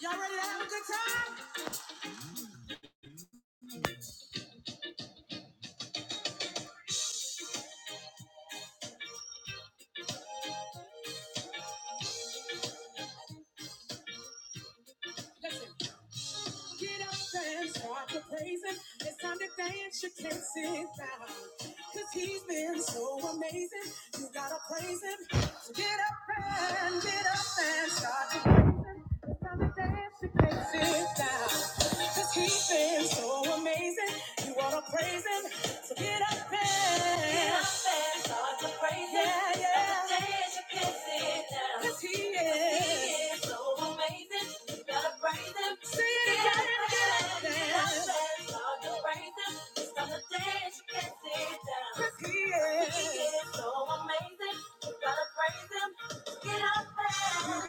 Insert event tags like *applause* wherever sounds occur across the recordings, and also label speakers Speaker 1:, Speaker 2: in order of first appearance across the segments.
Speaker 1: Y'all ready to have a good time? Listen. Get up and start to praise him. It's time to dance, you can't sit down. Cause he's been so amazing. You gotta praise him. So get up and get up and start to praise him. It's time to dance, you can't sit down. Cause he's been so amazing. You wanna praise him. So get up and get up and start to praise him. Yeah, yeah. It's time to dance, you can't sit down. Cause he is. he is so amazing. Get up Yeah.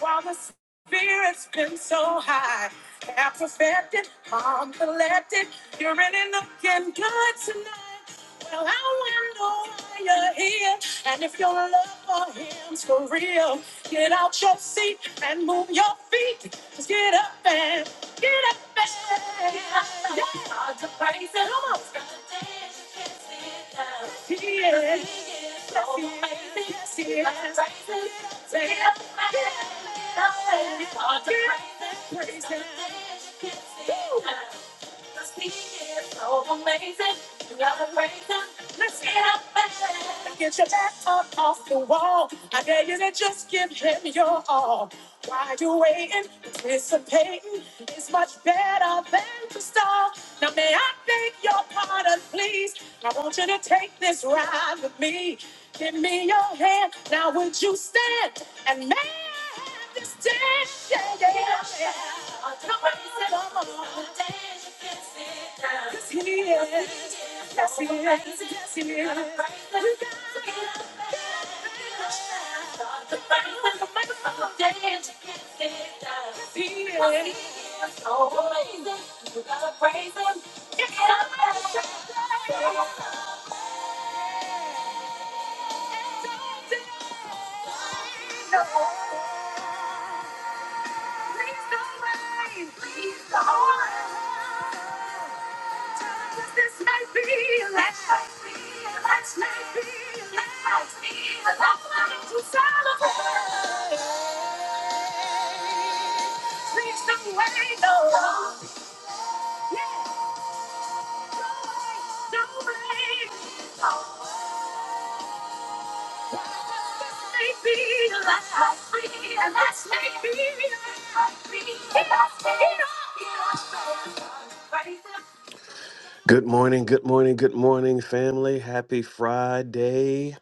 Speaker 1: While the spirit's been so high, and perfected, I'm collected. You're really looking good tonight. Well, I wonder why you're here, and if your love for him's for real, get out your seat and move your feet. Just get up and get up and get up and yeah. Start to praise him. Come on. Start to dance. He is. So amazing. He is. Praise him. Praise him. Woo. Cause he is so amazing. You gotta praise him. Let's get up and get your back up off the wall. I dare you to just give him your all. Why you waiting, anticipating? is much better than to stall. Now may I beg your pardon, please? I want you to take this ride with me. Give me your hand. Now would you stand and make this dance? Yeah, yeah, yeah. Yes, he is. Yes, he is. Yes, he is. You gotta get up and dance. Yes, he is. You gotta praise him. Get up and dance. Please don't rain. Please don't rain. this might be a last night. Last night be a last night. Last night to celebrate. Please don't wait. No. Yeah. Don't wait. Just this may be a last night. Last night be a last night. be a last night. Good morning, good morning, good morning, family. Happy Friday.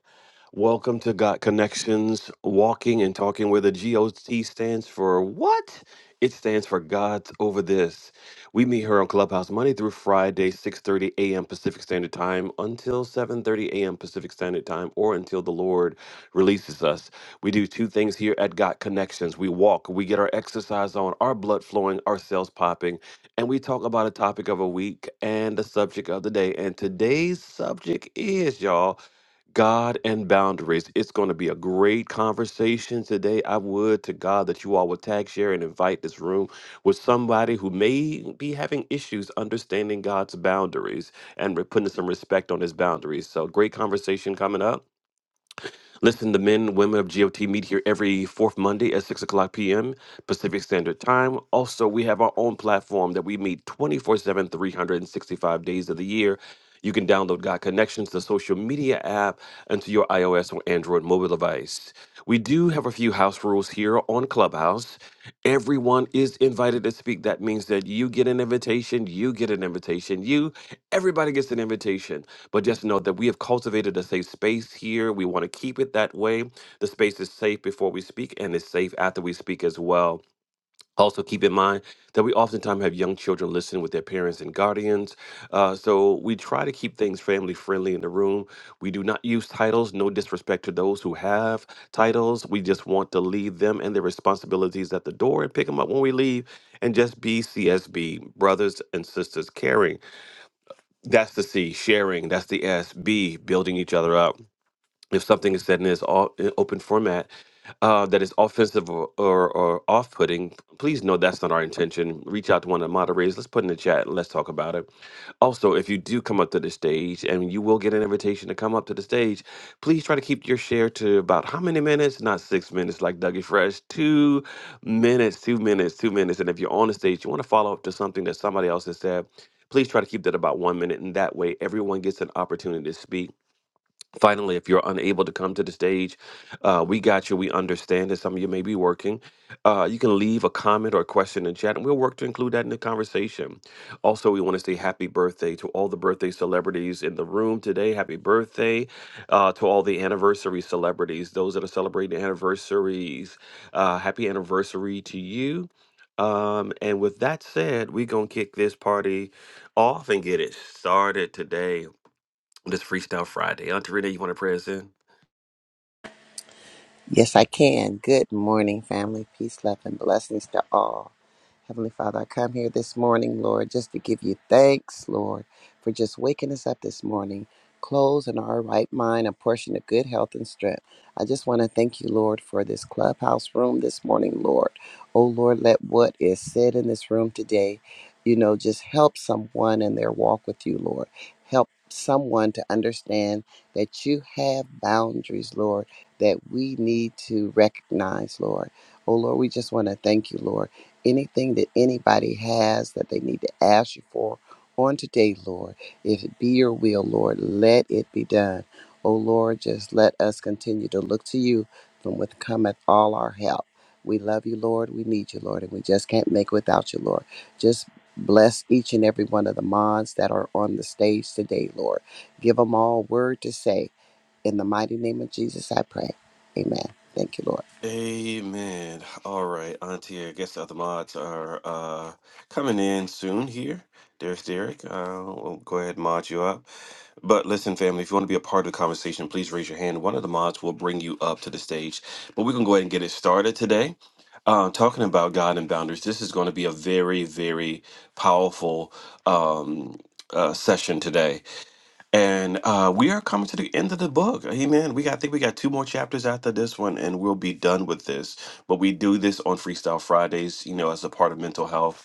Speaker 1: Welcome to Got Connections, walking and talking where the GOT stands for what? It stands for God's Over This. We meet here on Clubhouse Monday through Friday, 6:30 a.m. Pacific Standard Time until 7:30 a.m. Pacific Standard Time or until the Lord releases us. We do two things here at Got Connections. We walk, we get our exercise on, our blood flowing, our cells popping, and we talk about a topic of a week and the subject of the day. And today's subject is, y'all, God and boundaries. It's going to be a great conversation today. I would to God that you all would tag, share, and invite this room with somebody who may be having issues understanding God's boundaries and re- putting some respect on his boundaries. So, great conversation coming up. Listen to Men and Women of GOT meet here every fourth Monday at 6 o'clock p.m. Pacific Standard Time. Also, we have our own platform that we meet 24 7, 365 days of the year. You can download God Connections, the social media app, onto your iOS or Android mobile device. We do have a few house rules here on Clubhouse. Everyone is invited to speak. That means that you get an invitation, you get an invitation, you, everybody gets an invitation. But just know that we have cultivated a safe space here. We want to keep it that way. The space is safe before we speak and it's safe after we speak as well. Also, keep in mind that we oftentimes have young children listening with their parents and guardians. Uh, so, we try to keep things family friendly in the room. We do not use titles, no disrespect to those who have titles. We just want to leave them and their responsibilities at the door and pick them up when we leave and just be CSB, brothers and sisters, caring. That's the C, sharing. That's the S, B, building each other up if something is said in this all in open format uh, that is offensive or, or, or off-putting, please know that's not our intention. Reach out to one of the moderators. Let's put in the chat. and Let's talk about it. Also, if you do come up to the stage, and you will get an invitation to come up to the stage, please try to keep your share to about how many minutes? Not six minutes like Dougie Fresh. Two minutes, two minutes, two minutes. And if you're on the stage, you want to follow up to something that somebody else has said, please try to keep that about one minute. And that way, everyone gets an opportunity to speak Finally, if you're unable to come to the stage, uh, we got you. We understand that some of you may be working. Uh, you can leave a comment or a question in chat, and we'll work to include that in the conversation. Also, we want to say happy birthday to all the birthday celebrities in the room today. Happy birthday uh, to all the anniversary celebrities, those that are celebrating anniversaries. Uh, happy anniversary to you. Um, and with that said, we're going to kick this party off and get it started today on this Freestyle Friday. Auntie Renee, you want to pray us in?
Speaker 2: Yes, I can. Good morning, family. Peace, love, and blessings to all. Heavenly Father, I come here this morning, Lord, just to give you thanks, Lord, for just waking us up this morning, clothes in our right mind, a portion of good health and strength. I just want to thank you, Lord, for this clubhouse room this morning, Lord. Oh, Lord, let what is said in this room today, you know, just help someone in their walk with you, Lord. Help someone to understand that you have boundaries, Lord, that we need to recognize, Lord. Oh, Lord, we just want to thank you, Lord anything that anybody has that they need to ask you for on today, Lord. If it be your will, Lord, let it be done. Oh Lord, just let us continue to look to you from with cometh all our help. We love you, Lord. We need you, Lord, and we just can't make without you, Lord. Just bless each and every one of the moms that are on the stage today, Lord. Give them all word to say. In the mighty name of Jesus, I pray. Amen. Thank you, Lord.
Speaker 1: Amen. All right, Auntie. I guess the other mods are uh, coming in soon here. There's Derek. Uh, we'll go ahead and mod you up. But listen, family, if you want to be a part of the conversation, please raise your hand. One of the mods will bring you up to the stage. But we're going to go ahead and get it started today. Uh, talking about God and boundaries, this is going to be a very, very powerful um, uh, session today. And uh, we are coming to the end of the book. Amen. We got, I think we got two more chapters after this one, and we'll be done with this. But we do this on Freestyle Fridays, you know, as a part of mental health.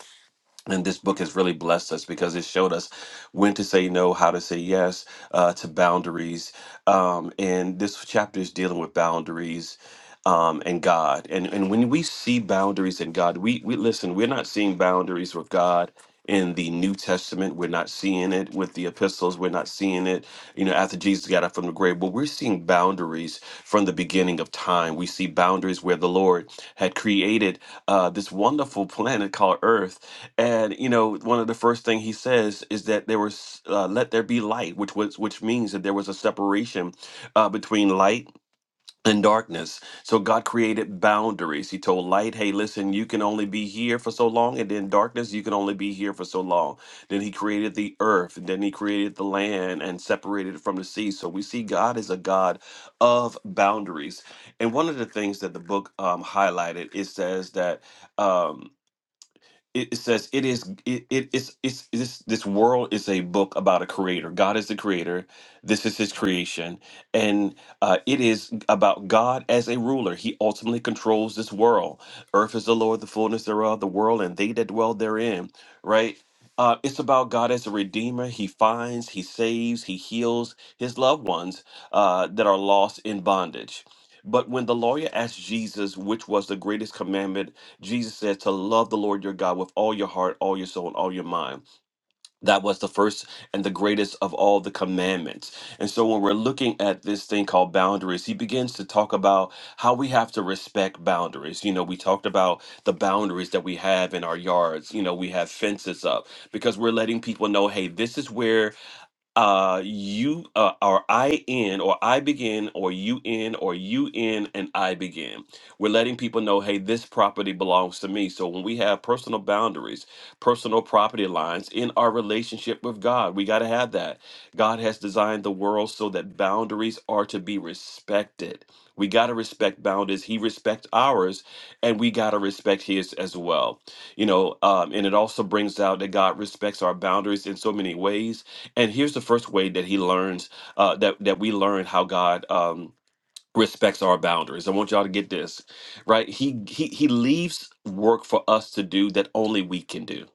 Speaker 1: And this book has really blessed us because it showed us when to say no, how to say yes uh, to boundaries. Um, and this chapter is dealing with boundaries um, and God. And and when we see boundaries in God, we we listen. We're not seeing boundaries with God in the New Testament. We're not seeing it with the epistles. We're not seeing it, you know, after Jesus got up from the grave. But we're seeing boundaries from the beginning of time. We see boundaries where the Lord had created uh, this wonderful planet called Earth and you know one of the first thing he says is that there was uh, let there be light which was which means that there was a separation uh, between light and darkness so god created boundaries he told light hey listen you can only be here for so long and then darkness you can only be here for so long then he created the earth and then he created and, and separated it from the sea so we see god is a god of boundaries and one of the things that the book um, highlighted it says that Um, it it says it is it, it it's it's this this world is a book about a creator god is the creator this is his creation and uh, it is about god as a ruler he ultimately controls this world earth is the lord the fullness thereof the world and they that dwell therein right uh, it's about god as a redeemer he finds he saves he heals his loved ones uh, that are lost in bondage but when the lawyer asked jesus which was the greatest commandment Jesus says to love the Lord your God with all your heart, all your soul, and all your mind. That was the first and the greatest of all the commandments. And so when we're looking at this thing called boundaries, he begins to talk about how we have to respect boundaries. You know, we talked about the boundaries that we have in our yards. You know, we have fences up because we're letting people know, hey, this is where uh you uh, or i in or i begin or you in or you in and i begin we're letting people know hey this property belongs to me so when we have personal boundaries personal property lines in our relationship with god we got to have that god has designed the world so that boundaries are to be respected we got to respect boundaries he respects ours and we got to respect his as well you know um, and it also brings out that god respects our boundaries in so many ways and here's the first way that he learns uh, that that we learn how God um, respects our boundaries. I want y'all to get this right. He he he leaves work for us to do that only we can do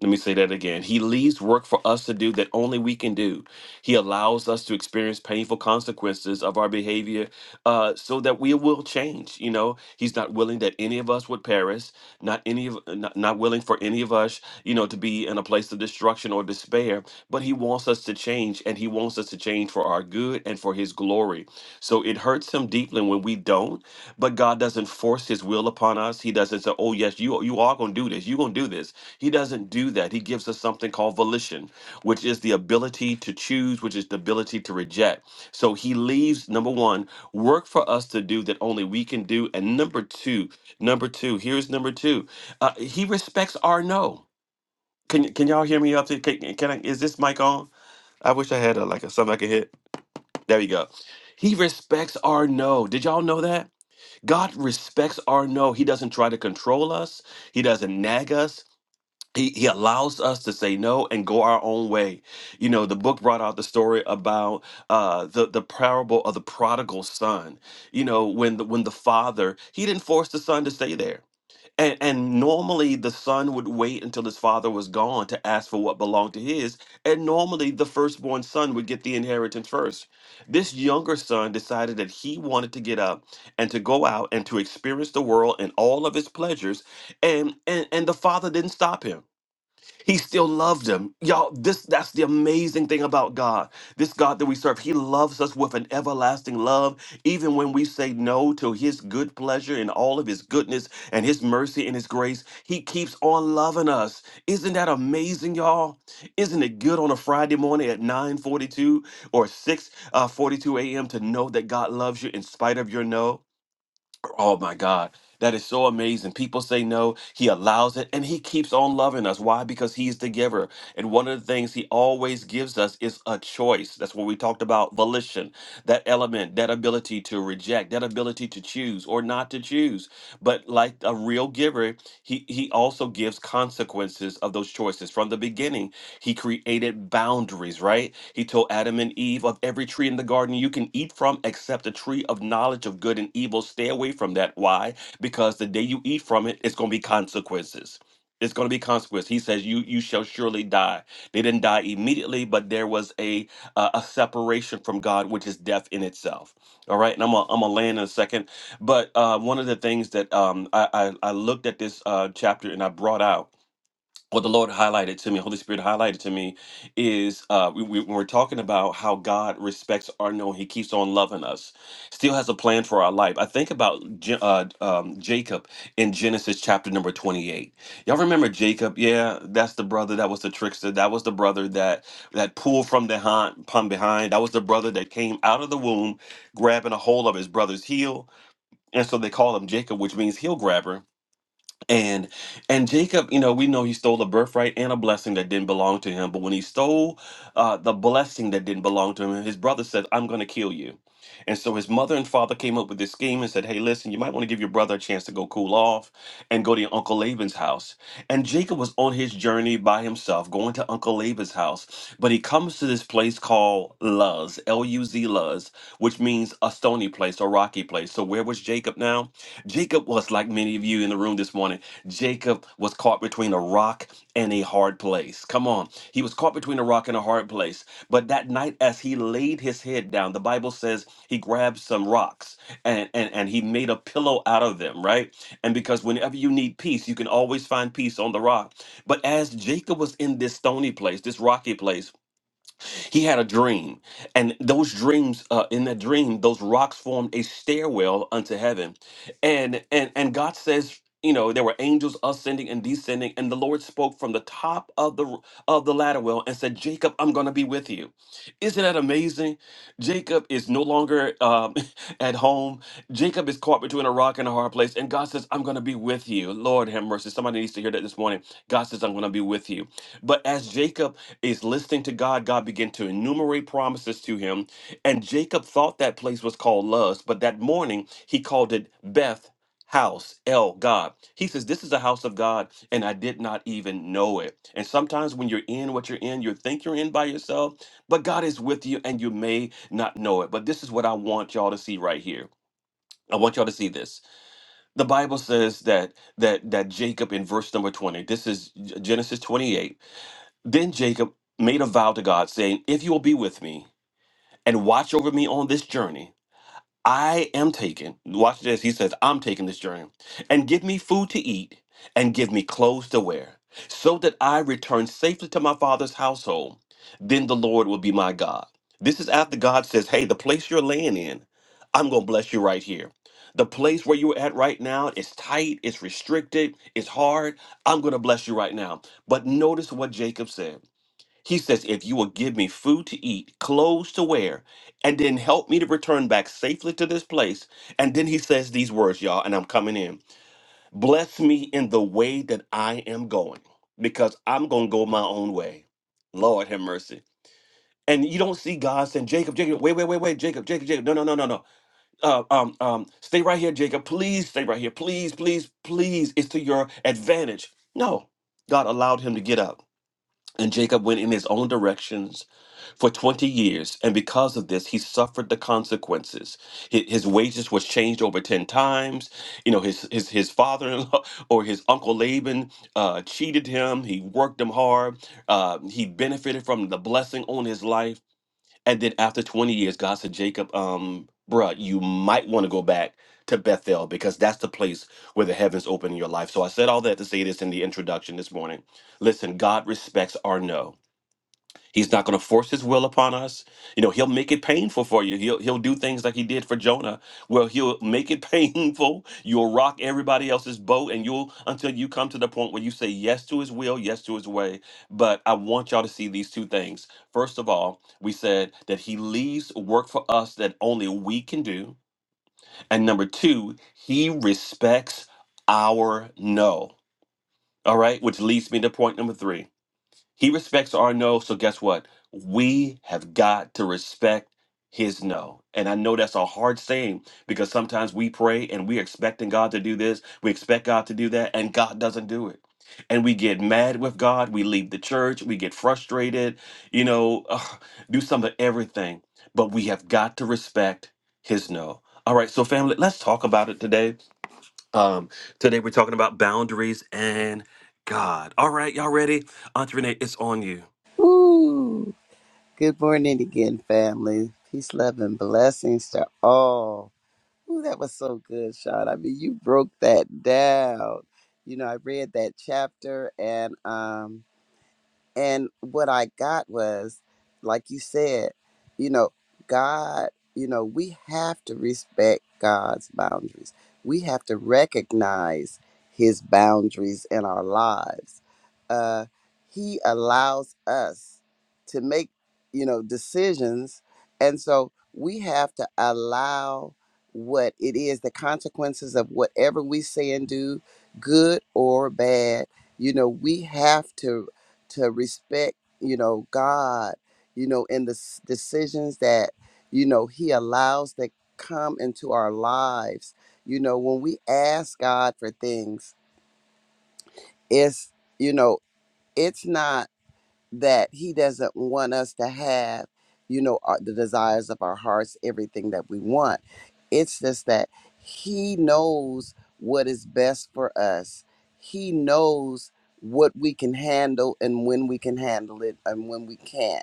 Speaker 1: let me say that again. He leaves work for us to do that only we can do. He allows us to experience painful consequences of our behavior uh, so that we will change. You know, he's not willing that any of us would perish, not any of not, not willing for any of us, you know, to be in a place of destruction or despair, but he wants us to change and he wants us to change for our good and for his glory. So it hurts him deeply when we don't, but God doesn't force his will upon us. He doesn't say, "Oh yes, you you are going to do this. You're going to do this." He doesn't do that. He gives us something called volition, which is the ability to choose, which is the ability to reject. So he leaves number 1, work for us to do that only we can do, and number 2, number 2, here's number 2. Uh, he respects our no. Can can y'all hear me up there? Can, can I, is this mic on? I wish I had a, like a something I could hit. There we go. He respects our no. Did y'all know that? God respects our no. He doesn't try to control us, He doesn't nag us. He, he allows us to say no and go our own way. You know, the book brought out the story about uh, the the parable of the prodigal son. You know, when the when the father he didn't force the son to stay there. And, and normally the son would wait until his father was gone to ask for what belonged to his. And normally the firstborn son would get the inheritance first. This younger son decided that he wanted to get up and to go out and to experience the world and all of its pleasures. And and, and the father didn't stop him. He still loved him. Y'all, this that's the amazing thing about God. This God that we serve, he loves us with an everlasting love, even when we say no to his good pleasure and all of his goodness and his mercy and his grace. He keeps on loving us. Isn't that amazing, y'all? Isn't it good on a Friday morning at 9:42 or 6 uh, 42 a.m. to know that God loves you in spite of your no? Oh my God. That is so amazing. People say no. He allows it and he keeps on loving us. Why? Because he's the giver. And one of the things he always gives us is a choice. That's what we talked about volition, that element, that ability to reject, that ability to choose or not to choose. But like a real giver, he, he also gives consequences of those choices. From the beginning, he created boundaries, right? He told Adam and Eve of every tree in the garden you can eat from except the tree of knowledge of good and evil. Stay away from that. Why? Because the day you eat from it, it's going to be consequences. It's going to be consequences. He says, "You you shall surely die." They didn't die immediately, but there was a uh, a a separation from God, which is death in itself. All right, and I'm gonna I'm gonna land in a second. But uh, one of the things that um, I, I, I looked at this uh, chapter and I brought out what the Lord highlighted to me, Holy Spirit highlighted to me, is uh, we, we, when we're talking about how God respects our no, He keeps on loving us, still has a plan for our life. I think about J- uh, um, Jacob in Genesis chapter number 28. Y'all remember Jacob? Yeah, that's the brother that was the trickster. That was the brother that that pulled from the hind, from behind. That was the brother that came out of the womb grabbing a hold of his brother's heel and so they call him Jacob, which means heel grabber. And and Jacob, you know, we know he stole a birthright and a blessing that didn't belong to him. But when he stole uh, the blessing that didn't belong to him, his brother said, "I'm going to kill you." And so his mother and father came up with this scheme and said, "Hey, listen, you might want to give your brother a chance to go cool off and go to your uncle Laban's house." And Jacob was on his journey by himself, going to Uncle Laban's house. But he comes to this place called Luz, L U Z Luz, which means a stony place, a rocky place. So where was Jacob now? Jacob was like many of you in the room this morning. Jacob was caught between a rock and a hard place. Come on. He was caught between a rock and a hard place. But that night, as he laid his head down, the Bible says he grabbed some rocks and, and, and he made a pillow out of them, right? And because whenever you need peace, you can always find peace on the rock. But as Jacob was in this stony place, this rocky place, he had a dream, and those dreams, uh, in that dream, those rocks formed a stairwell unto heaven, and and and God says. You know there were angels ascending and descending, and the Lord spoke from the top of the of the ladder well and said, "Jacob, I'm going to be with you." Isn't that amazing? Jacob is no longer um, *laughs* at home. Jacob is caught between a rock and a hard place, and God says, "I'm going to be with you." Lord have mercy. Somebody needs to hear that this morning. God says, "I'm going to be with you." But as Jacob is listening to God, God began to enumerate promises to him. And Jacob thought that place was called Luz, but that morning he called it Beth House, El God. He says, This is the house of God, and I did not even know it. And sometimes when you're in what you're in, you think you're in by yourself, but God is with you, and you may not know it. But this is what I want y'all to see right here. I want y'all to see this. The Bible says that that that Jacob in verse number 20. This is Genesis 28 then Jacob made a vow to God, saying, If you will be with me and watch over me on this journey, I am taking, watch this, he says, I'm taking this journey, and give me food to eat and give me clothes to wear, so that I return safely to my father's household. Then the Lord will be my God. This is after God says, Hey, the place you're laying in, I'm going to bless you right here. The place where you're at right now is tight, it's restricted, it's hard. I'm going to bless you right now. But notice what Jacob said. He says, If you will give me food to eat, clothes to wear, and then help me to return back safely to this place. And then he says these words, y'all, and I'm coming in. Bless me in the way that I am going, because I'm going to go my own way. Lord have mercy. And you don't see God saying, Jacob, Jacob, wait, wait, wait, wait, Jacob, Jacob, Jacob. No, no, no, no, no. Uh, um, um, stay right here, Jacob. Please stay right here. Please, please, please. It's to your advantage. No. God allowed him to get up. And Jacob went in his own directions for 20 years, and because of this, he suffered the consequences. Hi- His wages was changed over 10 times. You know, his his, his father-in-law *laughs* or his uncle Laban uh, cheated him. He worked him hard. Uh, he benefited from the blessing on his life. And then after 20 years, God said, Jacob, um, bruh, you might want to go back to Bethel because that's the place where the heavens open in your life. So I said all that to say this in the introduction this morning. Listen, God respects our no. He's not going to force his will upon us. You know, he'll make it painful for you. He'll he'll do things like he did for Jonah, where he'll make it *laughs* painful. You'll rock everybody else's boat, and you'll until you come to the point where you say yes to his will, yes to his way. But I want y'all to see these two things. First of all, we said that he leaves work for us that only we can do, and number two, he respects our no. All right, which leads me to point number three. He respects our no, so guess what? We have got to respect his no. And I know that's a hard saying because sometimes we pray and we're expecting God to do this, we expect God to do that, and God doesn't do it. And we get mad with God, we leave the church, we get frustrated, you know, ugh, do some of everything. But we have got to respect his no. All right, so family, let's talk about it today um, today we're talking about boundaries and God. All right, y'all ready? Aunt Renee, it's on you.
Speaker 2: Woo! Good morning again, family. Peace, love, and blessings to all. Ooh, that was so good, Sean. I mean, you broke that down. You know, I read that chapter and um and what I got was, like you said, you know, God, you know, we have to respect God's boundaries. We have to recognize his boundaries in our lives. Uh, he allows us to make, you know, decisions. And so we have to allow what it is, the consequences of whatever we say and do, good or bad, you know, we have to to respect, you know, God, you know, in the s- decisions that, you know, He allows that come into our lives. You know, when we ask God for things, it's, you know, it's not that he doesn't want us to have you know our, the desires of our hearts everything that we want it's just that he knows what is best for us he knows what we can handle and when we can handle it and when we can't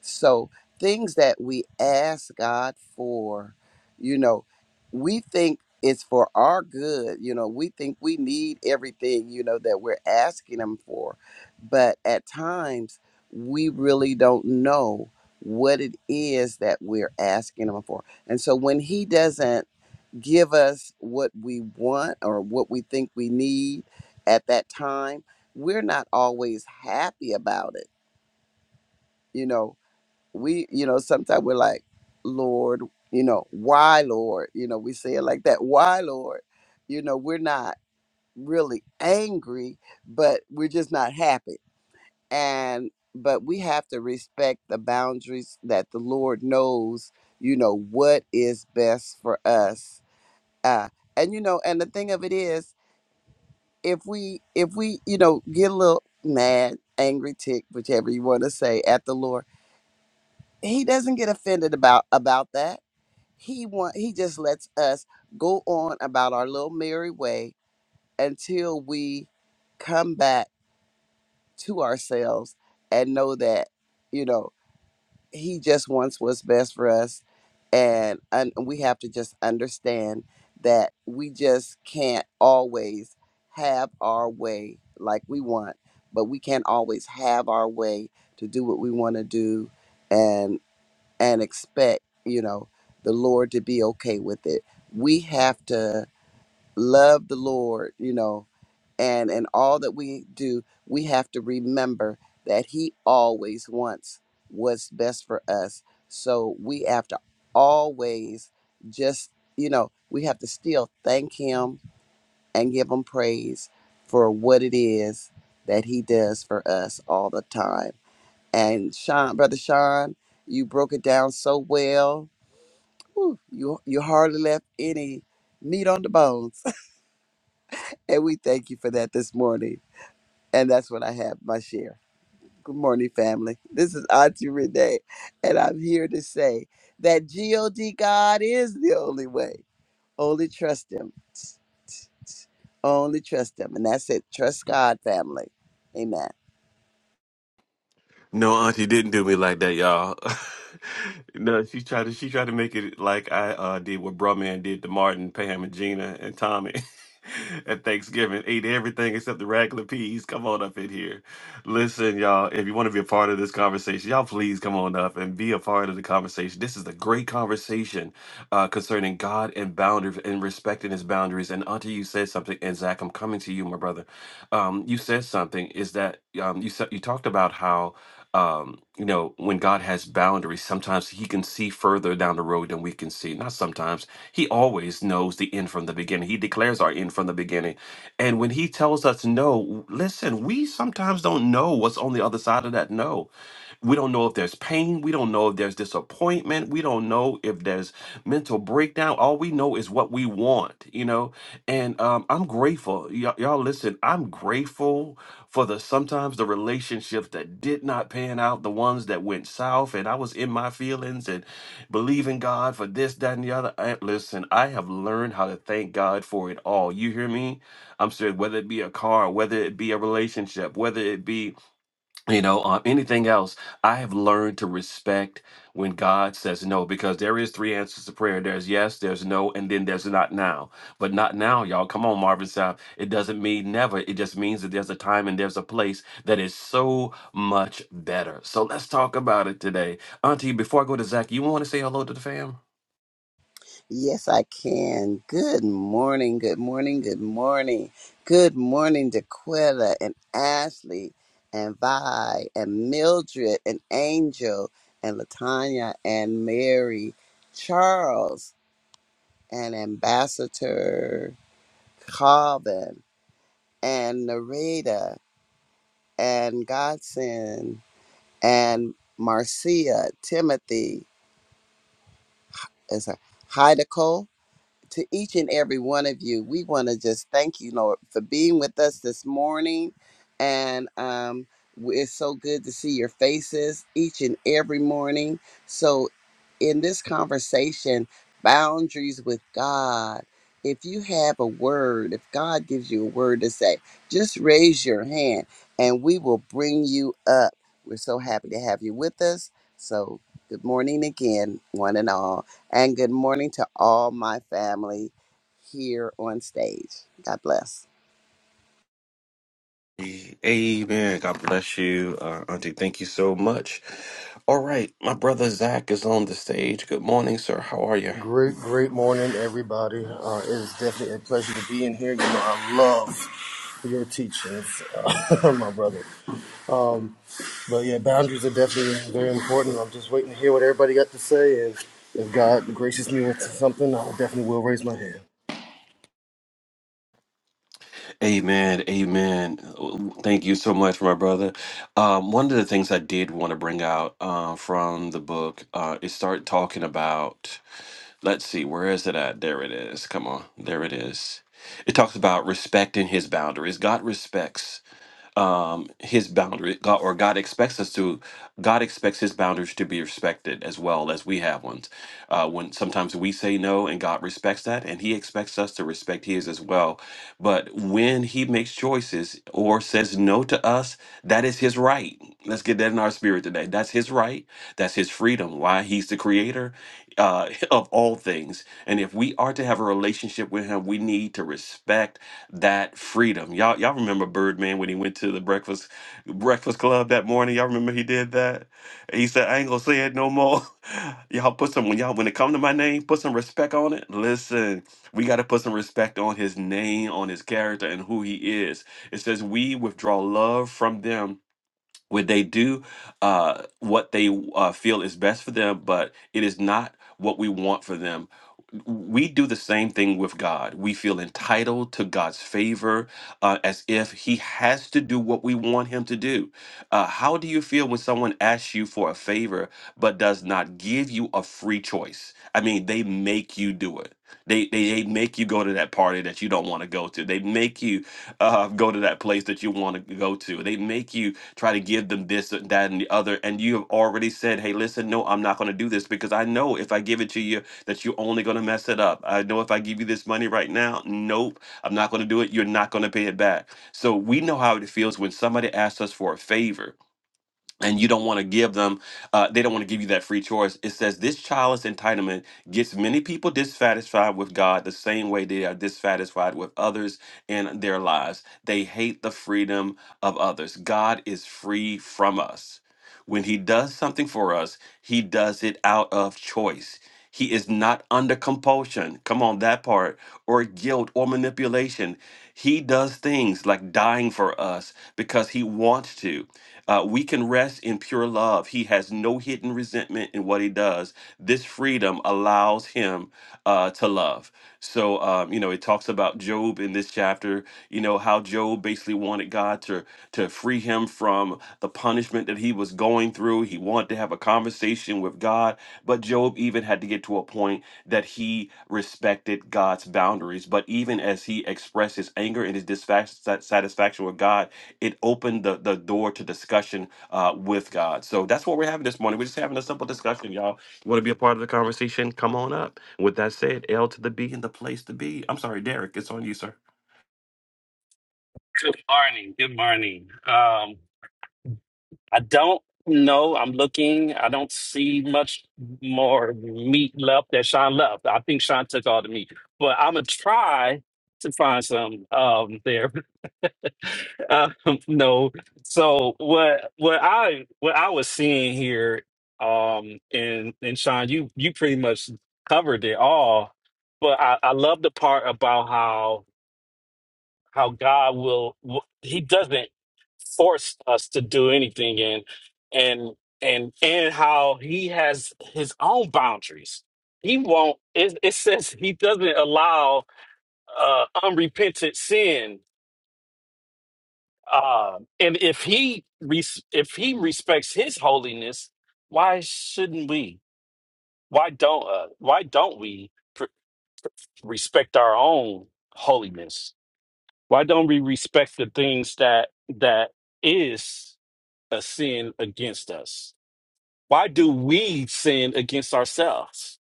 Speaker 2: so things that we ask God for, you know, we think it's for our good. You know, we think we need everything, you know, that we're asking him for. But at times we really don't know what it is that we're asking him for. And so when he doesn't give us what we want or what we think we need at that time, we're not always happy about it. You know, we you know sometimes we're like lord you know why lord you know we say it like that why lord you know we're not really angry but we're just not happy and but we have to respect the boundaries that the lord knows you know what is best for us uh and you know and the thing of it is if we if we you know get a little mad angry tick whichever you want to say at the lord he doesn't get offended about about that he want he just lets us go on about our little merry way until we come back to ourselves and know that you know he just wants what's best for us and un- we have to just understand that we just can't always have our way like we want but we can't always have our way to do what we want to do and expect, you know, the Lord to be okay with it. We have to love the Lord, you know, and in all that we do, we have to remember that He always wants what's best for us. So we have to always just, you know, we have to still thank Him and give Him praise for what it is that He does for us all the time. And Sean, Brother Sean, you broke it down so well Whew, you you hardly left any meat on the bones. *laughs* and we thank you for that this morning. And that's what I have, my share. Good morning, family. This is Auntie Renee, and I'm here to say that God God is the only way. Only trust Him. Only trust Him. And that's it. Trust God, family. Amen.
Speaker 1: No, Auntie didn't do me like that, y'all. *laughs* no, she tried to she tried to make it like I uh, did what Brumman did to Martin, Pam, and Gina and Tommy *laughs* at Thanksgiving. Ate everything except the regular peas. Come on up in here. Listen, y'all, if you want to be a part of this conversation, y'all please come on up and be a part of the conversation. This is a great conversation uh, concerning God and boundaries and respecting his boundaries. And Auntie, you said something, and Zach, I'm coming to you, my brother. Um, you said something is that um, you said you talked about how um, you know, when God has boundaries, sometimes He can see further down the road than we can see. Not sometimes. He always knows the end from the beginning. He declares our end from the beginning. And when He tells us no, listen, we sometimes don't know what's on the other side of that no. We don't know if there's pain. We don't know if there's disappointment. We don't know if there's mental breakdown. All we know is what we want, you know? And um, I'm grateful. Y'all y'all listen, I'm grateful for the sometimes the relationships that did not pan out, the ones that went south, and I was in my feelings and believing God for this, that, and the other. I, listen, I have learned how to thank God for it all. You hear me? I'm serious. Whether it be a car, whether it be a relationship, whether it be you know um, anything else i have learned to respect when god says no because there is three answers to prayer there's yes there's no and then there's not now but not now y'all come on marvin south it doesn't mean never it just means that there's a time and there's a place that is so much better so let's talk about it today auntie before i go to zach you want to say hello to the fam
Speaker 2: Yes, I can. Good morning, good morning, good morning. Good morning, Daquilla and Ashley and Vi and Mildred and Angel and Latanya and Mary, Charles and Ambassador Calvin and Narita and Godson and Marcia, Timothy. Is her. Hi, Nicole. to each and every one of you. We want to just thank you, Lord, for being with us this morning. And um, w- it's so good to see your faces each and every morning. So, in this conversation, boundaries with God, if you have a word, if God gives you a word to say, just raise your hand and we will bring you up. We're so happy to have you with us. So, good morning again, one and all and good morning to all my family here on stage. God bless.
Speaker 1: Amen. God bless you, uh, Auntie. Thank you so much. All right, my brother Zach is on the stage. Good morning, sir. How are you?
Speaker 3: Great, great morning, everybody. Uh, it is definitely a pleasure to be in here. You know, I love your teachings, uh, *laughs* my brother. Um, but yeah, boundaries are definitely very important. I'm just waiting to hear what everybody got to say, and if God graces me with something, I definitely will raise my hand.
Speaker 1: Amen. Amen. Thank you so much, my brother. Um, one of the things I did want to bring out uh, from the book uh, is start talking about, let's see, where is it at? There it is. Come on. There it is. It talks about respecting his boundaries. God respects his boundary god or god expects us to god expects his boundaries to be respected as well as we have ones uh, when sometimes we say no and god respects that and he expects us to respect his as well but when he makes choices or says no to us that is his right let's get that in our spirit today that's his right that's his freedom why he's the creator uh, *laughs* of all things and if we are to have a relationship with him we need to respect that freedom. Y'all, y'all remember Birdman when he went to the breakfast Breakfast Club that morning. Y'all remember he did that? And he said, I ain't gonna say it no more. *laughs* y'all put some when y'all when it come to my name, put some respect on it. Listen, we gotta put some respect on his name, on his character, and who he is. It says we withdraw love from them when they do uh, what they uh, feel is best for them, but it is not what we want for them we do the same thing with God. We feel entitled to God's favor uh, as if He has to do what we want Him to do. Uh, how do you feel when someone asks you for a favor but does not give you a free choice? I mean, they make you do it. They, they they make you go to that party that you don't want to go to. They make you uh, go to that place that you want to go to. They make you try to give them this, that, and the other. And you have already said, "Hey, listen, no, I'm not going to do this because I know if I give it to you, that you're only going to mess it up. I know if I give you this money right now, nope, I'm not going to do it. You're not going to pay it back." So we know how it feels when somebody asks us for a favor and you don't want to give them uh, they don't want to give you that free choice it says this childless entitlement gets many people dissatisfied with god the same way they are dissatisfied with others in their lives they hate the freedom of others god is free from us when he does something for us he does it out of choice. He is not under compulsion. Come on, that part, or guilt or manipulation. He does things like dying for us because he wants to. Uh, we can rest in pure love. He has no hidden resentment in what he does. This freedom allows him uh, to love. So, um, you know, it talks about Job in this chapter you know how Job basically wanted God to to free him from the punishment that he was going through. He wanted to have a conversation with God, but Job even had to get to a point that he respected God's boundaries. But even as he expressed his anger and his dissatisfaction with God, it opened the, the door to discussion uh, with God. So that's what we're having this morning. We're just having a simple discussion, y'all. You want to be a part of the conversation? Come on up. With that said, L to the B and the place to be. I'm sorry, Derek, it's on you, sir.
Speaker 4: Good morning. Good morning. Um, I don't know. I'm looking. I don't see much more meat left that Sean left. I think Sean took all the meat, but I'm gonna try to find some um there. *laughs* Um, no. So what what I what I was seeing here, um, and and Sean, you you pretty much covered it all. But I, I love the part about how how God will. He doesn't. forced us to do anything in and and and how he has his own boundaries he won't it, it says he doesn't allow uh unrepentant sin uh and if he res- if he respects his holiness why shouldn't we why don't uh, why don't we pr- respect our own holiness why don't we respect the things that that is a sin against us why do we sin against ourselves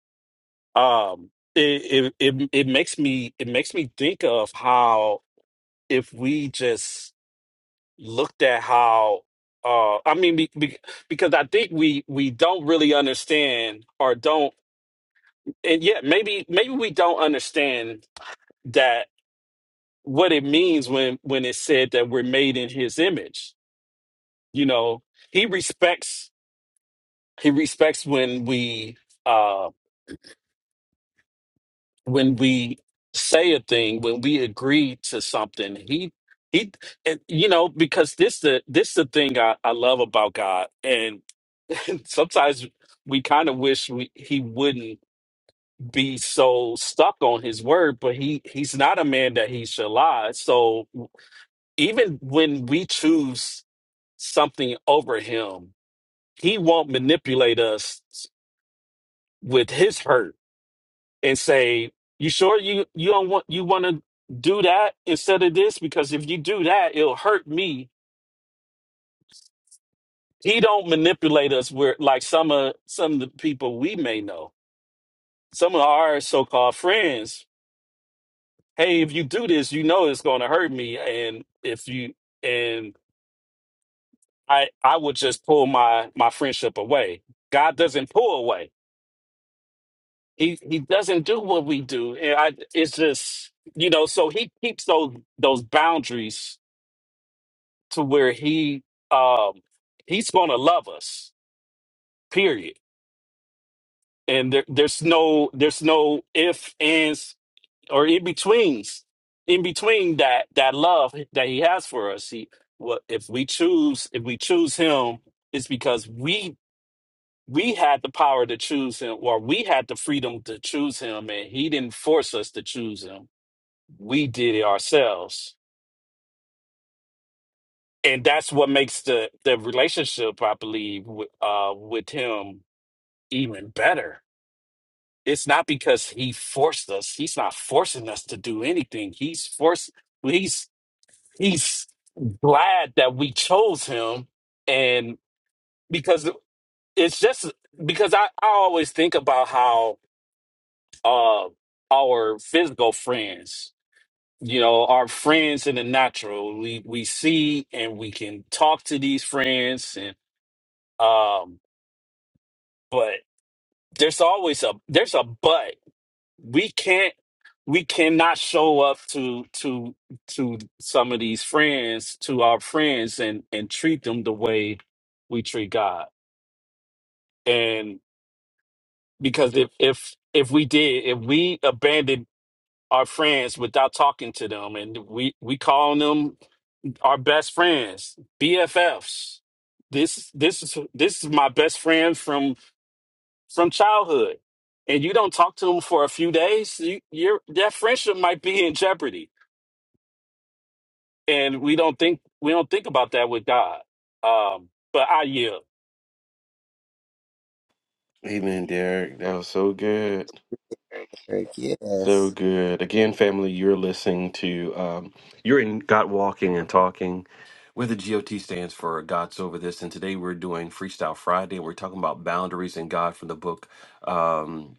Speaker 4: um it, it it it makes me it makes me think of how if we just looked at how uh i mean be, be, because i think we we don't really understand or don't and yet maybe maybe we don't understand that what it means when when it said that we're made in his image you know he respects he respects when we uh, when we say a thing, when we agree to something, he he and you know, because this the this the thing I, I love about God. And *laughs* sometimes we kind of wish we, he wouldn't be so stuck on his word, but he he's not a man that he should lie. So even when we choose something over him, he won't manipulate us with his hurt and say, "You sure you you don't want you want to do that instead of this? Because if you do that, it'll hurt me." He don't manipulate us. Where like some of some of the people we may know, some of our so-called friends. Hey, if you do this, you know it's going to hurt me, and if you and I I would just pull my my friendship away. God doesn't pull away. He he doesn't do what we do, and I it's just you know. So he keeps those those boundaries to where he um he's gonna love us period and there, there's no there's no if ands or in betweens in between that that love that he has for us he what if we choose if we choose him it's because we we had the power to choose him or we had the freedom to choose him and he didn't force us to choose him we did it ourselves and that's what makes the the relationship i believe with, uh with him even better. It's not because he forced us. He's not forcing us to do anything. He's forced he's he's glad that we chose him and because it's just because I, I always think about how uh our physical friends, you know, our friends in the natural. We we see and we can talk to these friends and um but there's always a there's a but we can't we cannot show up to to to some of these friends to our friends and and treat them the way we treat god and because if if if we did if we abandoned our friends without talking to them and we we call them our best friends bffs this this is this is my best friend from from childhood and you don't talk to them for a few days you, your that friendship might be in jeopardy and we don't think we don't think about that with God. Um, but I yield.
Speaker 1: Amen, Derek. That was so good.
Speaker 2: Eric,
Speaker 1: So
Speaker 2: yes.
Speaker 1: good. Again, family, you're listening to, um, you're in God Walking and Talking, where the GOT stands for God's Over This. And today we're doing Freestyle Friday. We're talking about boundaries and God from the book. um,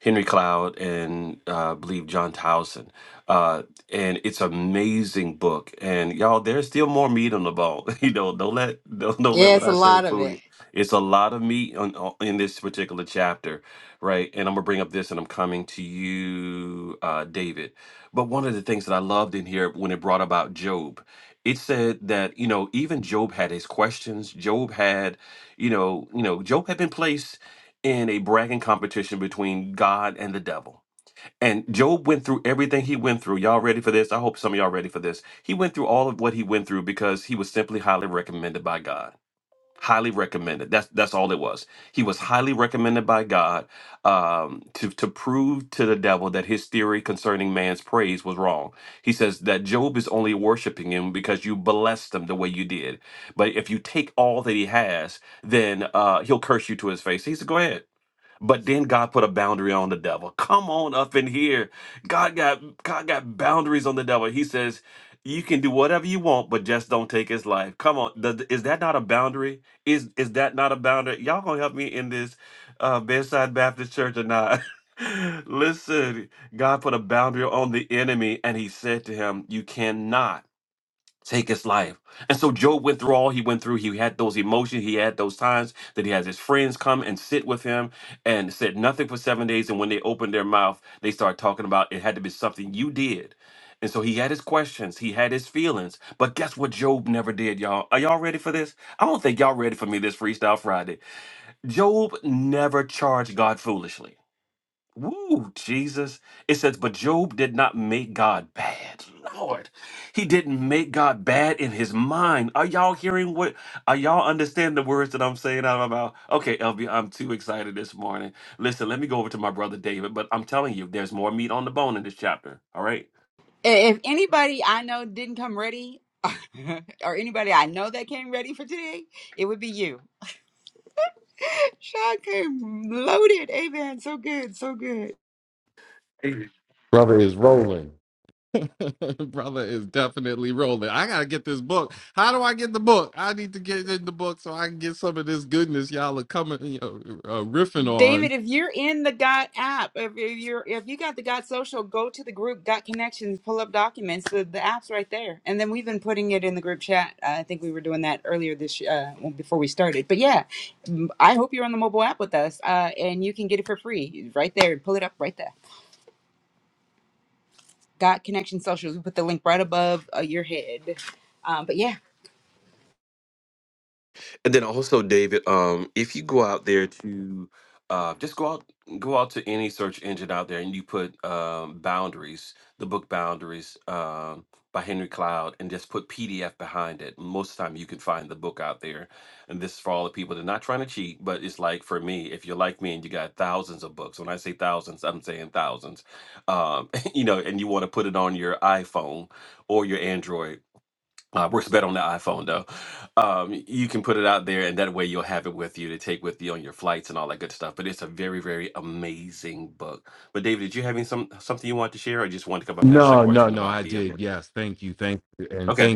Speaker 1: Henry Cloud and uh, I believe John Towson. Uh, and it's amazing book. And y'all, there's still more meat on the bone. *laughs* you know, don't let don't, don't let what
Speaker 5: Yes, a
Speaker 1: I say
Speaker 5: lot of
Speaker 1: fool you.
Speaker 5: it.
Speaker 1: It's a lot of meat on, on- in this particular chapter, right? And I'm gonna bring up this, and I'm coming to you, uh, David. But one of the things that I loved in here when it brought about Job, it said that you know even Job had his questions. Job had, you know, you know, Job had been placed in a bragging competition between God and the devil. And Job went through everything he went through. Y'all ready for this? I hope some of y'all ready for this. He went through all of what he went through because he was simply highly recommended by God. Highly recommended. That's that's all it was. He was highly recommended by God um, to to prove to the devil that his theory concerning man's praise was wrong. He says that Job is only worshiping him because you blessed him the way you did. But if you take all that he has, then uh, he'll curse you to his face. He said, "Go ahead." But then God put a boundary on the devil. Come on up in here. God got God got boundaries on the devil. He says, "You can do whatever you want, but just don't take his life." Come on, th- is that not a boundary? Is is that not a boundary? Y'all gonna help me in this uh, bedside Baptist church or not? *laughs* Listen, God put a boundary on the enemy, and He said to him, "You cannot." take his life. And so Job went through all he went through. He had those emotions. He had those times that he had his friends come and sit with him and said nothing for seven days. And when they opened their mouth, they started talking about it had to be something you did. And so he had his questions, he had his feelings. But guess what Job never did, y'all? Are y'all ready for this? I don't think y'all ready for me this Freestyle Friday. Job never charged God foolishly. Woo, Jesus. It says, but Job did not make God bad. Lord, he didn't make God bad in his mind. Are y'all hearing what? Are y'all understand the words that I'm saying out of my mouth? Okay, LB, I'm too excited this morning. Listen, let me go over to my brother David, but I'm telling you, there's more meat on the bone in this chapter. All right.
Speaker 5: I- If anybody I know didn't come ready, *laughs* or anybody I know that came ready for today, it would be you. *laughs* Sean came loaded. Amen. So good. So good. David, if you're in the God app, if if you're if you got the God social, go to the group Got Connections, pull up documents. The, the app's right there, and then we've been putting it in the group chat. I think we were doing that earlier this uh, well, before we started. But yeah, m- I hope you're on the mobile app with us, uh, and you can get it for free right there. Pull it up right there. Got Connection Socials. We put the link right above uh, your head. Um, but yeah,
Speaker 1: And then also, David, um, if you go out there to uh, just go out, go out to any search engine out there, and you put um, boundaries, the book Boundaries um, by Henry Cloud, and just put PDF behind it. Most of the time, you can find the book out there. And this is for all the people that are not trying to cheat, but it's like for me, if you're like me and you got thousands of books. When I say thousands, I'm saying thousands. Um, *laughs* you know, and you want to put it on your iPhone or your Android uh, works better on the iPhone though. Um, you can put it out there, and that way you'll have it with you to take with you on your flights and all that good stuff. But it's a very, very amazing book. But David, did you have any some something you want to share, or just want to come up and ask that question about the uh, book? Okay.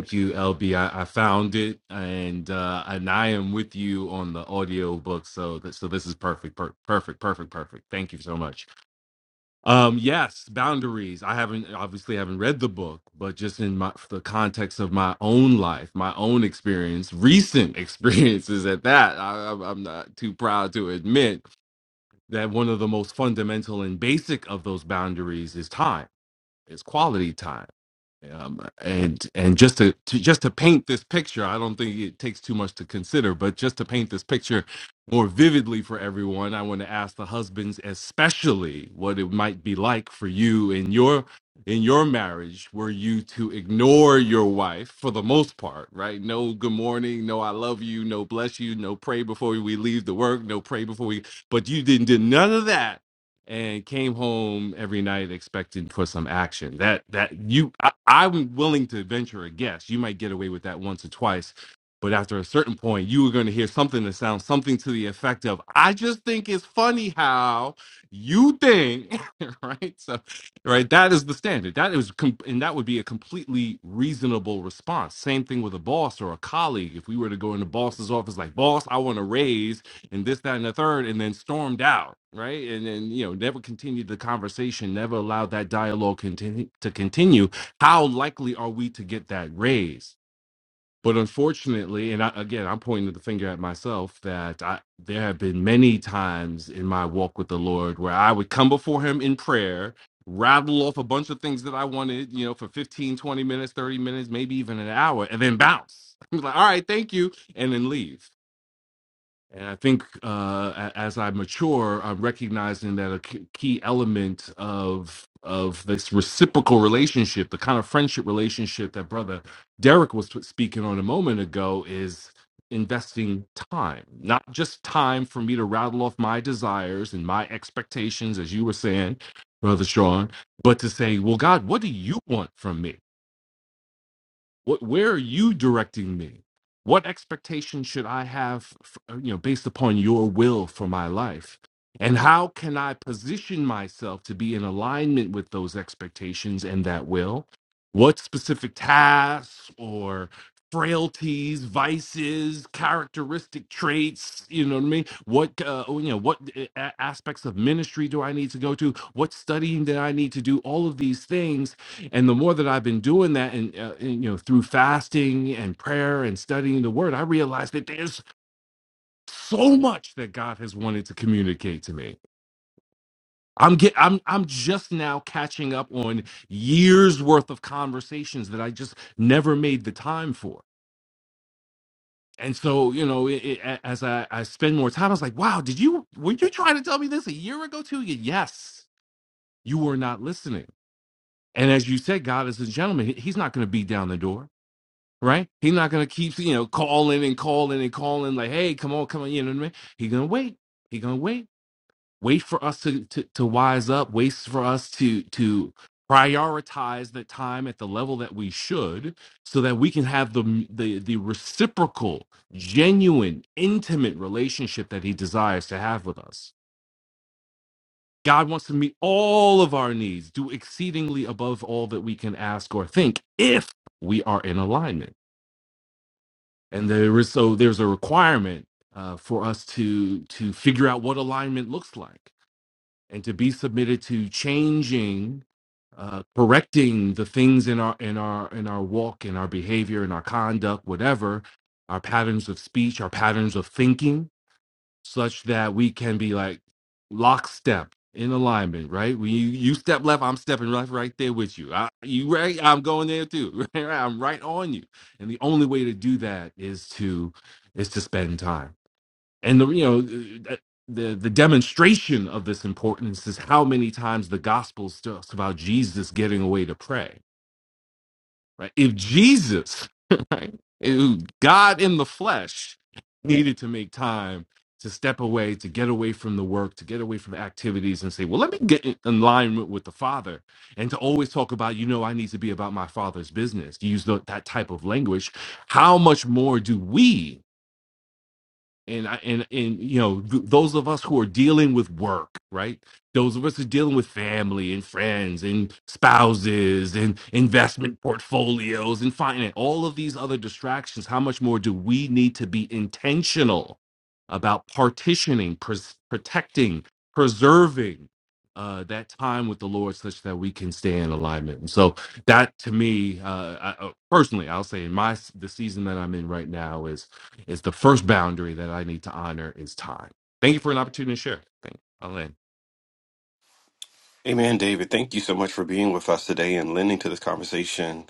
Speaker 1: Amen, David. Thank you so much for being with us today and lending to this conversation.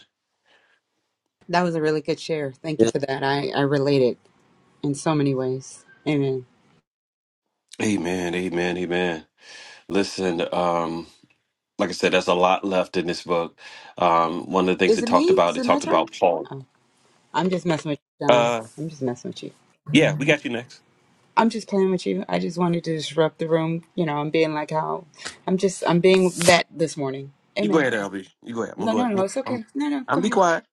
Speaker 5: that was a really good share. Thank you
Speaker 2: Yes.
Speaker 5: for that. I, I related in so many ways. Amen.
Speaker 1: Amen, amen, amen. Listen, um, like I said, there's a lot left in this book. Um, one of the things
Speaker 5: Is
Speaker 1: it
Speaker 5: it me?
Speaker 1: talked about,
Speaker 5: Is
Speaker 1: it
Speaker 5: it my
Speaker 1: talked
Speaker 5: turn?
Speaker 1: about Paul.
Speaker 5: Oh, I'm just messing with you, John.
Speaker 1: Uh,
Speaker 5: I'm just messing with you.
Speaker 1: yeah, we got you next.
Speaker 5: I'm just playing with you. I just wanted to disrupt the room. You know, I'm being like how I'm just I'm being that this morning.
Speaker 1: You go
Speaker 5: Amen.
Speaker 1: ahead, LB. You go ahead. I'm gonna
Speaker 5: No,
Speaker 1: go
Speaker 5: no, no.
Speaker 1: ahead.
Speaker 5: It's
Speaker 1: I'm,
Speaker 5: okay. No, no.
Speaker 1: I'm
Speaker 5: Go
Speaker 1: be
Speaker 5: ahead.
Speaker 1: quiet.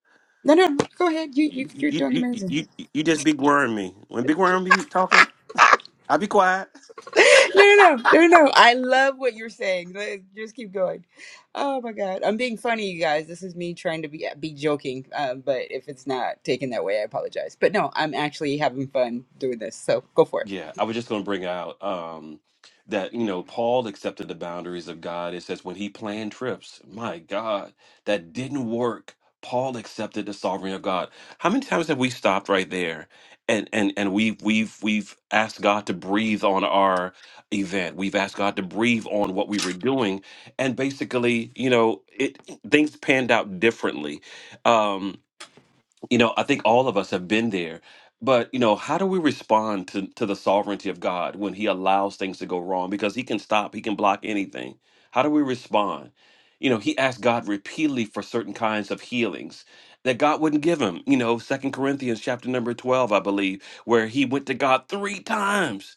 Speaker 5: No, no. Go ahead. You, you,
Speaker 1: You,
Speaker 5: you're
Speaker 1: you,
Speaker 5: doing
Speaker 1: you, you,
Speaker 5: amazing.
Speaker 1: you you just big worm me. When big worm be talking, I be quiet.
Speaker 5: No, no, no, no, no. no. I love what you're saying. Let- Just keep going. Oh my God, I'm being funny, you guys. This is me trying to be uh, be joking. Uh, but if it's not taken that way, I apologize. But no, I'm actually having fun doing this. So go for it.
Speaker 1: Yeah, I was just going to bring out um, that, you know, Paul accepted the boundaries of God. It says when he planned trips, my God, that didn't work. Paul accepted the sovereignty of God. How many times have we stopped right there and and and we've we've we've asked God to breathe on our event. We've asked God to breathe on what we were doing, and basically, you know, it things panned out differently. Um, you know i think all of us have been there but you know how do we respond to, to the sovereignty of god when he allows things to go wrong because he can stop he can block anything how do we respond you know he asked god repeatedly for certain kinds of healings that god wouldn't give him you know second corinthians chapter number 12 i believe where he went to god three times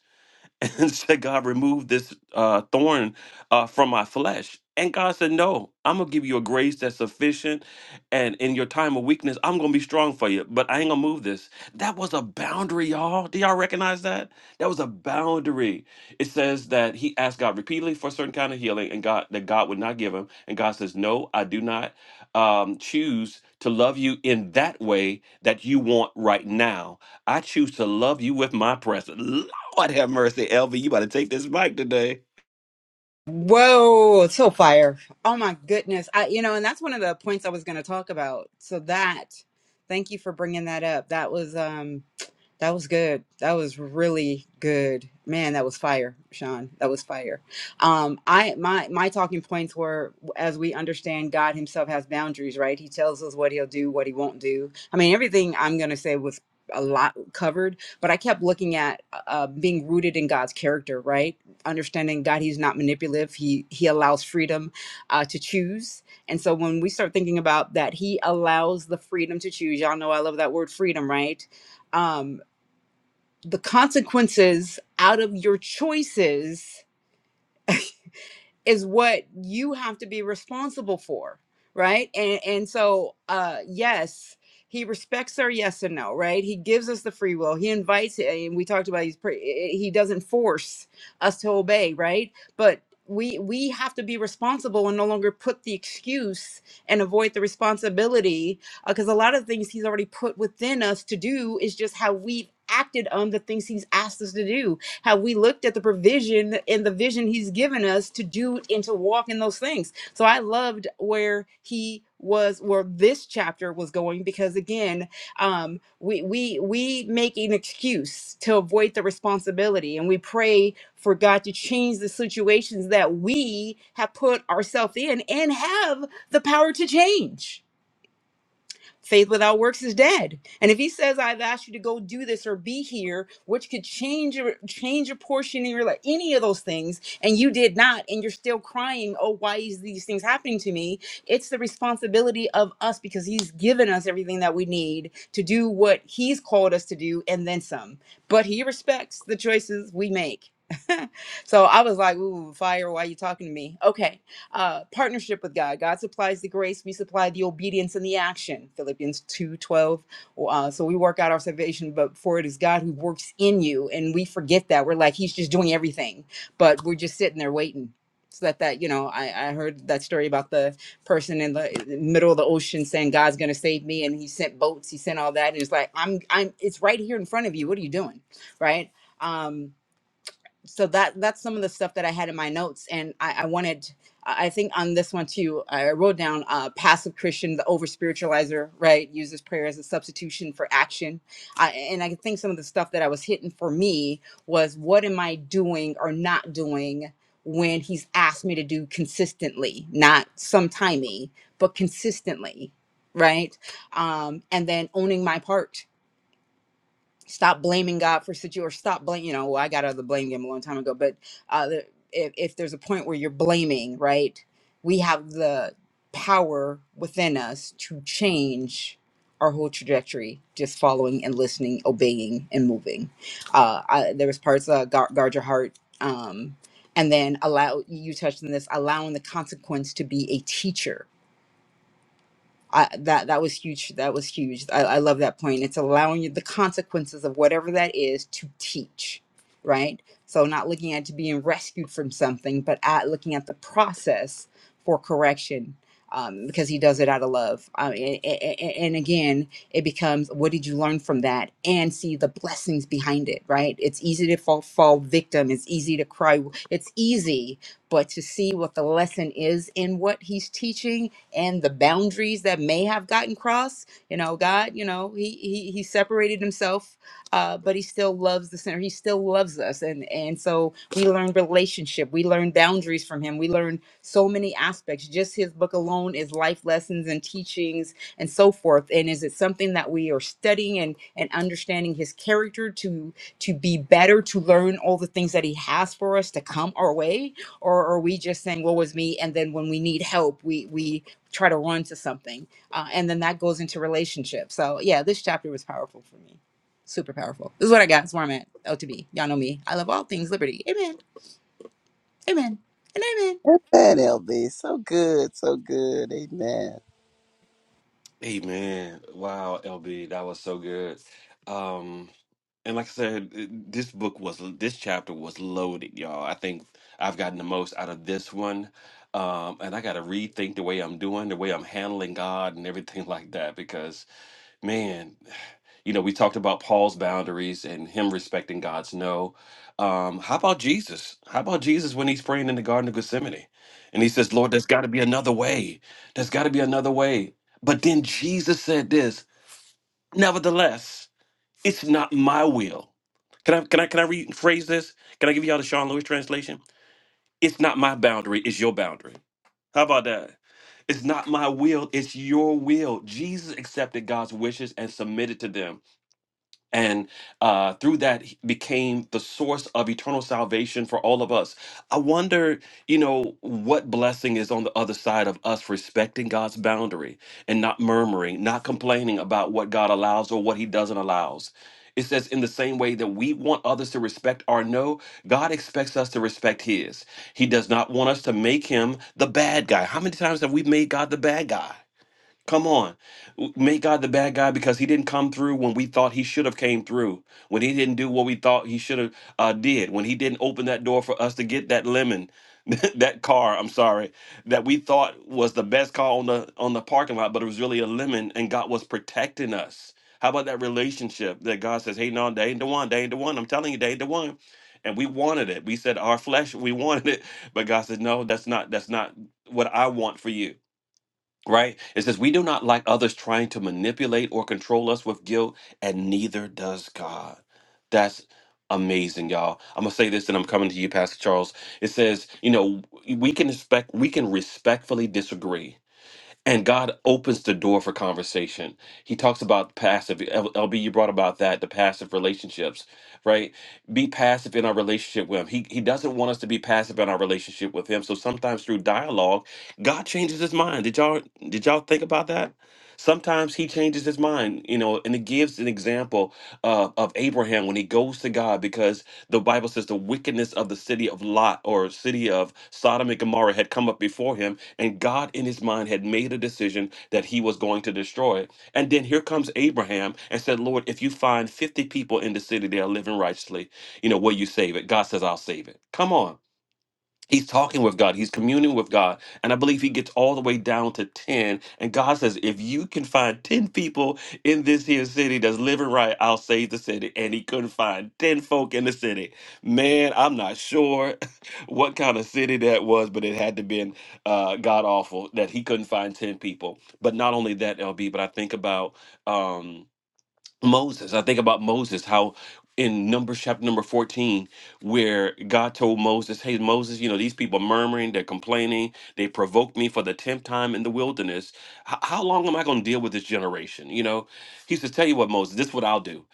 Speaker 1: *laughs* and said, God, remove this uh, thorn uh, from my flesh. And God said, No, I'm gonna give you a grace that's sufficient. And in your time of weakness, I'm gonna be strong for you, but I ain't gonna move this. That was a boundary, y'all. Do y'all recognize that? That was a boundary. It says that he asked God repeatedly for a certain kind of healing, and God that God would not give him. And God says, No, I do not um, choose to love you in that way that you want right now. I choose to love you with my presence. Lord have mercy, LB. You about to take this mic today.
Speaker 5: Whoa, so fire! Oh my goodness, I you know, and that's one of the points I was going to talk about. So that, thank you for bringing that up. That was um. That was good. That was really good. Man, that was fire, Sean. That was fire. Um, I my my talking points were as we understand God himself has boundaries, right? He tells us what he'll do, what he won't do. I mean, everything I'm gonna say was a lot covered, but I kept looking at uh, uh, being rooted in God's character, right? Understanding God, He's not manipulative. He He allows freedom uh, to choose, and so when we start thinking about that, He allows the freedom to choose. Y'all know I love that word, freedom, right? Um, the consequences out of your choices is what you have to be responsible for right and and so uh yes he respects our yes and no right he gives us the free will he invites it and we talked about he's pre- he doesn't force us to obey right but we we have to be responsible and no longer put the excuse and avoid the responsibility because a lot of things he's already put within us to do is just how we've acted on the things he's asked us to do have we looked at the provision and the vision he's given us to do and to walk in those things so i loved where he was where this chapter was going because again um we we we make an excuse to avoid the responsibility and we pray for god to change the situations that we have put ourselves in and have the power to change Faith without works is dead. And if he says, I've asked you to go do this or be here, which could change your change your portion in your life, any of those things, and you did not, and you're still crying, oh, why is these things happening to me? It's the responsibility of us because he's given us everything that we need to do what he's called us to do and then some. But he respects the choices we make. *laughs* so I was like, ooh, fire, why are you talking to me? Okay. Uh, partnership with God. God supplies the grace, we supply the obedience and the action. Philippians 2 12. Uh, so we work out our salvation, but for it is God who works in you. And we forget that. We're like, He's just doing everything, but we're just sitting there waiting. So that, that you know, I, I heard that story about the person in the in the middle of the ocean saying God's going to save me, and He sent boats, He sent all that, and it's like I'm, I'm, it's right here in front of you. What are you doing, right? Um, so that that's some of the stuff that I had in my notes, and I, I wanted. I I think on this one too, I wrote down uh, passive Christian, the over spiritualizer, right? Uses prayer as a substitution for action, I, and I think some of the stuff that I was hitting for me was what am I doing or not doing when He's asked me to do consistently, not sometimey, but consistently, right? Um, and then owning my part stop blaming God for situation or stop blame, you know, well, I got out of the blame game a long time ago, but uh, the, if, if there's a point where you're blaming, right, we have the power within us to change our whole trajectory, just following and listening, obeying and moving. Uh, I, there was parts uh, guard, guard your heart. Um, and then allow you touched on this, allowing the consequence to be a teacher I, that that was huge. That was huge. I, I love that point. It's allowing you the consequences of whatever that is to teach, right? So not looking at to being rescued from something, but at looking at the process for correction, um, because he does it out of love. Um, and, and again, it becomes what did you learn from that, and see the blessings behind it, right? It's easy to fall fall victim. It's easy to cry. It's easy, but to see what the lesson is in what he's teaching and the boundaries that may have gotten crossed. You know, God, you know, He He, he separated Himself, uh, but He still loves the sinner. He still loves us, and and so we learn relationship. We learn boundaries from Him. We learn so many aspects. Just His book alone is life lessons and teachings and so forth. And is it something that we are studying and and understanding His character to to be better, to learn all the things that He has for us to come our way, or are we just saying, "Woe is me," and then when we need help, we we try to run to something. Uh, and then that goes into relationships. So yeah, this chapter was powerful for me. Super powerful. This is what I got. This Is where I'm at. LTB. Y'all know me. I love all things liberty. Amen. Amen. And amen.
Speaker 2: Amen, LB. So good, so good. Amen.
Speaker 1: Amen. Wow, LB, that was so good. Um, and like I said, it- this book was this chapter was loaded, y'all. I think I've gotten the most out of this one. Um, and I got to rethink the way I'm doing, the way I'm handling God, and everything *laughs* like that because man, you know, we talked about Paul's boundaries and him respecting God's no. Um, how about Jesus? How about Jesus when he's praying in the Garden of Gethsemane? And he says, Lord, there's got to be another way. There's got to be another way. But then Jesus said this, nevertheless, it's not my will. Can I can I can I rephrase this? Can I give y'all the Sean Lewis translation? It's not my boundary, it's your boundary. How about that? It's not my will, it's your will. Jesus accepted God's wishes and submitted to them and uh, through that he became the source of eternal salvation for all of us. I wonder, you know, what blessing is on the other side of us respecting God's boundary and not murmuring, not complaining about what God allows or what He doesn't allows. It says, in the same way that we want others to respect our no, God expects us to respect His. He does not want us to make Him the bad guy. How many times have we made God the bad guy? Come on. W- Make God the bad guy because he didn't come through when we thought he should have came through. When he didn't do what we thought he should have uh, did. When he didn't open that door for us to get that lemon, *laughs* that car, I'm sorry, that we thought was the best car on the on the parking lot, but it was really a lemon and God was protecting us. How about that relationship that God says, hey, no, they ain't the one, they ain't the one. I'm telling you, they ain't the one. And we wanted it. We said our flesh, we *laughs* wanted it. But God said, no, that's not, that's not what I want for you right? It says, We do not like others trying to manipulate or control us with guilt, and neither does God. That's amazing, y'all. I'm gonna say this and I'm coming to you, Pastor Charles. It says, you know, we can expect we can respectfully disagree and God opens the door for conversation. He talks about passive. L- LB, you brought about that the passive relationships, right? Be passive in our relationship with Him. He He doesn't want us to be passive in our relationship with Him. So sometimes through dialogue, God changes His mind. Did y'all Did y'all think about that? Sometimes he changes his mind, you know, and it gives an example uh, of Abraham when he goes to God because the Bible says the wickedness of the city of Lot or city of Sodom and Gomorrah had come up before him, and God in his mind had made a decision that he was going to destroy it. And then here comes Abraham and said, Lord, if you find 50 people in the city that are living righteously, you know, will you save it? God says, I'll save it. Come on. He's talking with God. He's communing with God. And I believe he gets all the way down to 10. And God says, if you can find 10 people in this here city that's living right, I'll save the city. And he couldn't find 10 folk in the city. Man, I'm not sure *laughs* what kind of city that was, but it had to been uh, God awful that he couldn't find 10 people. But not only that, LB, but I think about. Um, Moses. I think about Moses, how in Numbers chapter number 14, where God told Moses, Hey, Moses, you know, these people are murmuring, they're complaining, they provoked me for the 10th time in the wilderness. H- how long am I going to deal with this generation? You know, he says, Tell you what, Moses, this is what I'll do.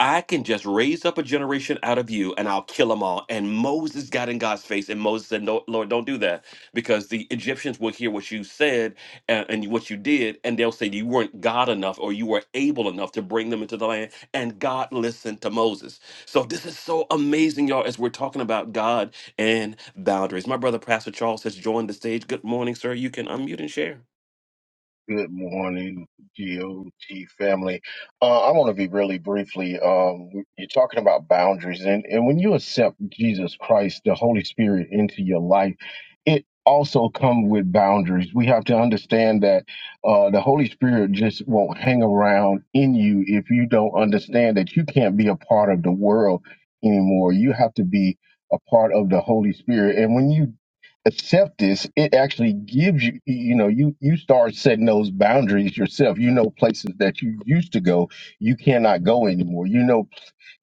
Speaker 1: I can just raise up a generation out of you and I'll kill them all. And Moses got in God's face, and Moses said, No, Lord, don't do that because the Egyptians will hear what you said and, and what you did, and they'll say you weren't God enough or you were able enough to bring them into the land. And God listened to Moses. So this is so amazing, y'all, as we're talking about God and boundaries. My brother, Pastor Charles, has joined the stage. Good morning, sir. You can unmute and share.
Speaker 6: Good morning, GOT family. Uh, I want to be really briefly. Um, you're talking about boundaries, and, and when you accept Jesus Christ, the Holy Spirit, into your life, it also comes with boundaries. We have to understand that uh, the Holy Spirit just won't hang around in you if you don't understand that you can't be a part of the world anymore. You have to be a part of the Holy Spirit, and when you accept this, it actually gives you, you know, you you start setting those boundaries yourself. You know, places that you used to go, you cannot go anymore. You know,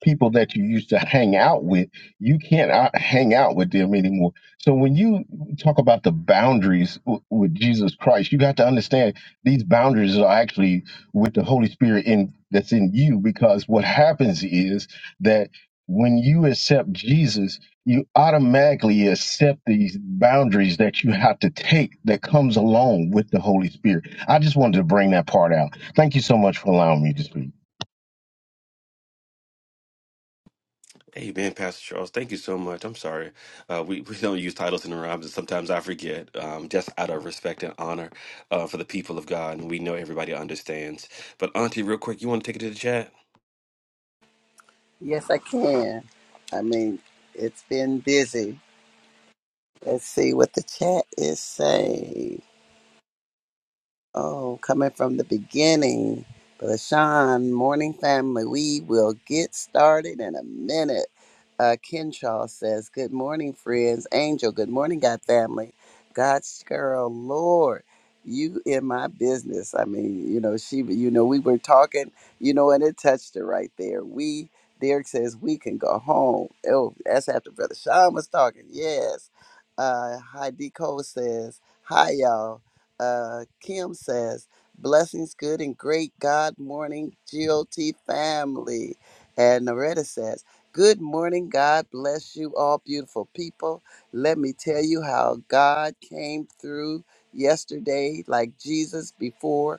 Speaker 6: people that you used to hang out with, you can't out- hang out with them anymore. So when you talk about the boundaries w- with Jesus Christ, you got to understand these boundaries are actually with the Holy Spirit in that's in you because what happens is that when you accept Jesus, you automatically accept these boundaries that you have to take that comes along with the Holy Spirit. I just wanted to bring that part out. Thank you so much for allowing me to speak.
Speaker 1: Amen, Pastor Charles. Thank you so much. I'm sorry. Uh, we, *laughs* we don't use titles in the rhymes, and sometimes I forget, um, just out of respect and honor uh, for the people of God. And we know everybody understands. But, Auntie, real quick, you want to take it to the chat?
Speaker 2: Yes, I can. I mean, it's been busy. Let's see what the chat is saying. Oh, coming from the beginning. Brother Sean, morning family, we will get started in a minute. Uh, Kenshaw says, Good morning, friends. Angel, good morning, God family. God's girl, Lord, you in my business. I mean, you know, she, you know, we were talking, you know, and it touched her right there. We, Derek says, we can go home. Oh, that's after Brother Sean was talking. Yes. Uh, Heidi Cole says, Hi, y'all uh, Kim says, blessings, good and great God morning, GOT family. And Noretta says, good morning, God bless you all beautiful people. Let me tell you how God came through yesterday like Jesus before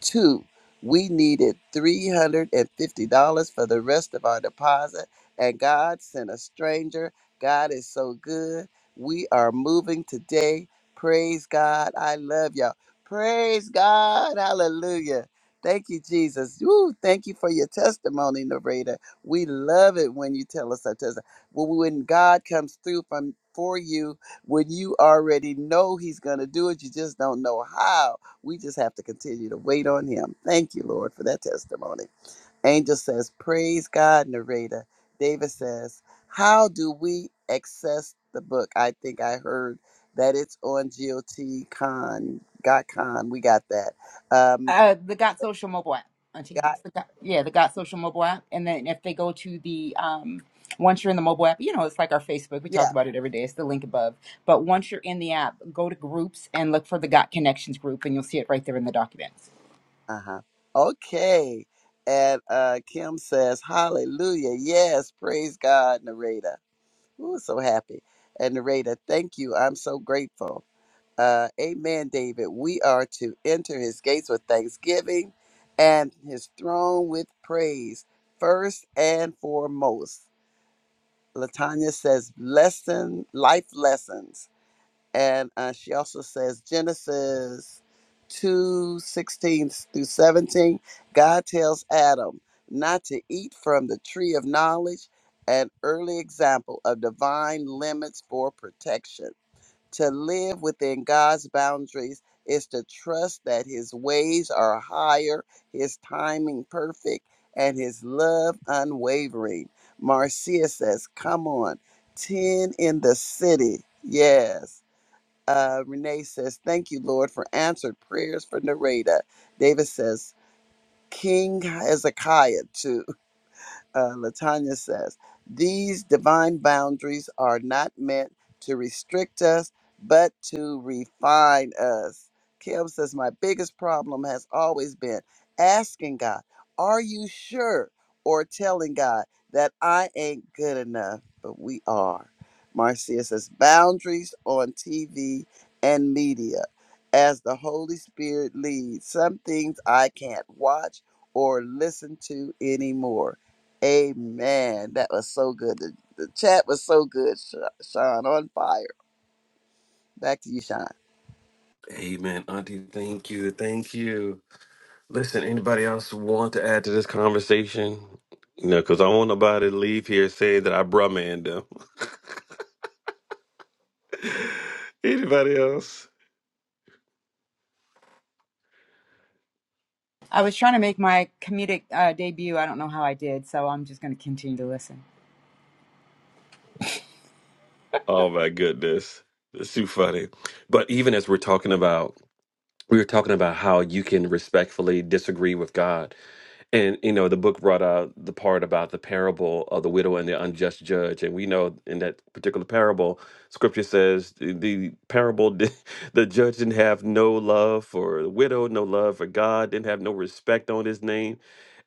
Speaker 2: Two, we needed $350 for the rest of our deposit, and God sent a stranger. God is so good. We are moving today. Praise God. I love y'all. Praise God. Hallelujah. Thank you, Jesus. Woo, thank you for your testimony, narrator. We love it when you tell us our testimony. When when God comes through from for you, when you already know He's going to do it, you just don't know how we just have to continue to wait on him. Thank you, Lord, for that testimony. Angel says, Praise God, narrator. David says, How do we access the book? I think I heard that it's on GOT Con. Got Con. We got that. Um,
Speaker 5: Uh, the Got Social mobile app, Auntie.
Speaker 2: got,
Speaker 5: It's the Got, yeah, the Got Social mobile app. And then if they go to the, um, once you're in the mobile app, you know, it's like our Facebook. We talk
Speaker 2: yeah.
Speaker 5: about it every day. It's the link above. But once you're in the app, go to groups and look for the Got Connections group, and you'll see it right there in the documents.
Speaker 2: Uh huh. Okay. And uh, Kim says, Hallelujah. Yes. Praise God, narrator. Ooh, so happy. And narrator, thank you. I'm so grateful. Uh, amen, David. We are to enter his gates with thanksgiving and his throne with praise, first and foremost. Latanya says lesson, life lessons. And uh, she also says Genesis 2 16 through 17. God tells Adam not to eat from the tree of knowledge, an early example of divine limits for protection. To live within God's boundaries is to trust that His ways are higher, His timing perfect, and His love unwavering. Marcia says, Come on, 10 in the city. Yes. Uh, Renee says, Thank you, Lord, for answered prayers for Nareda. David says, King Hezekiah too uh, Latanya says, these divine boundaries are not meant to restrict us, but to refine us. Kim says, my biggest problem has always been asking God, are you sure? Or telling God that I ain't good enough, but we are. Marcia says, boundaries on TV and media. As the Holy Spirit leads, some things I can't watch or listen to anymore Amen. That was so good. The, the chat was so good, Sha- Sean. On fire. Back to you, Sean.
Speaker 1: Amen, Auntie. Thank you. Thank you. Listen, anybody else want to add to this conversation? You know, because I don't want nobody to leave here saying that I brumman them. *laughs* Anybody else?
Speaker 5: I was trying to make my comedic uh, debut. I don't know how I did, so I'm just going to continue to listen.
Speaker 1: Oh my goodness. It's too funny. But even as we're talking about, we were talking about how you can respectfully disagree with God. And you know, the book brought out the part about the parable of the widow and the unjust judge. And we know in that particular parable, scripture says the, the parable did, *laughs* the judge didn't have no love for the widow, no love for God, didn't have no respect on his name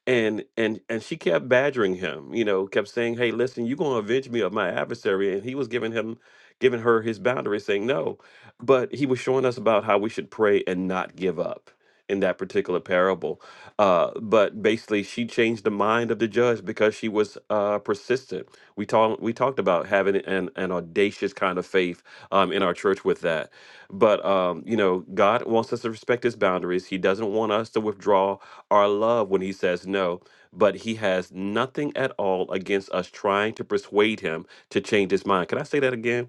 Speaker 1: and and and she kept badgering him you know kept saying hey listen you're going to avenge me of my adversary and he was giving him giving her his boundaries saying no but he was showing us about how we should pray and not give up in that particular parable uh, but basically she changed the mind of the judge because she was uh, persistent we talked we talked about having an, an audacious kind of faith um, in our church with that but um, you know god wants us to respect his boundaries he doesn't want us to withdraw our love when he says no, but he has nothing at all against us trying to persuade him to change his mind. Can I say that again?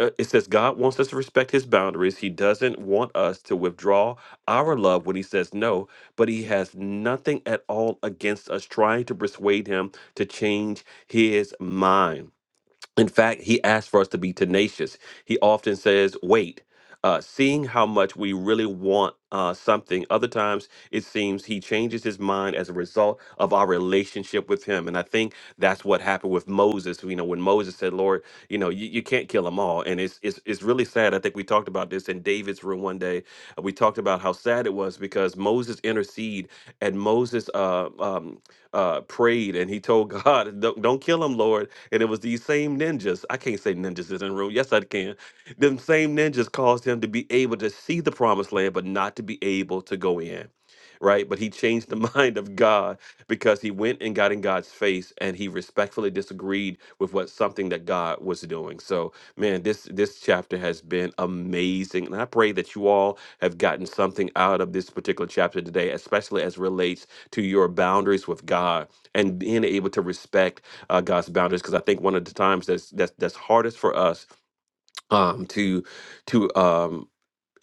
Speaker 1: Uh, It says God wants us to respect his boundaries. He doesn't want us to withdraw our love when he says no, but he has nothing at all against us trying to persuade him to change his mind. In fact, he asks for us to be tenacious. He often says, wait. Uh, seeing how much we really want uh, something, other times it seems he changes his mind as a result of our relationship with him. And I think that's what happened with Moses. You know, when Moses said, Lord, you know, you, you can't kill them all. And it's, it's, it's really sad. I think we talked about this in David's room one day. We talked about how sad it was because Moses interceded and Moses, uh, um, uh, prayed and he told *laughs* God, don't, don't kill him, Lord. And it was these same ninjas. I can't say ninjas is in the room. Yes, I can. Them same ninjas caused him to be able to see the promised land, but not to be able to go in. Right. But he changed the *laughs* mind of God because he went and got in God's face and he respectfully disagreed with what something that God was doing. So, man, this this chapter has been amazing. And I pray that you all have gotten something out of this particular chapter today, especially as relates to your boundaries with God and being able to respect uh, God's boundaries. Because I think one of the times that's that's that's hardest for us um, to to um,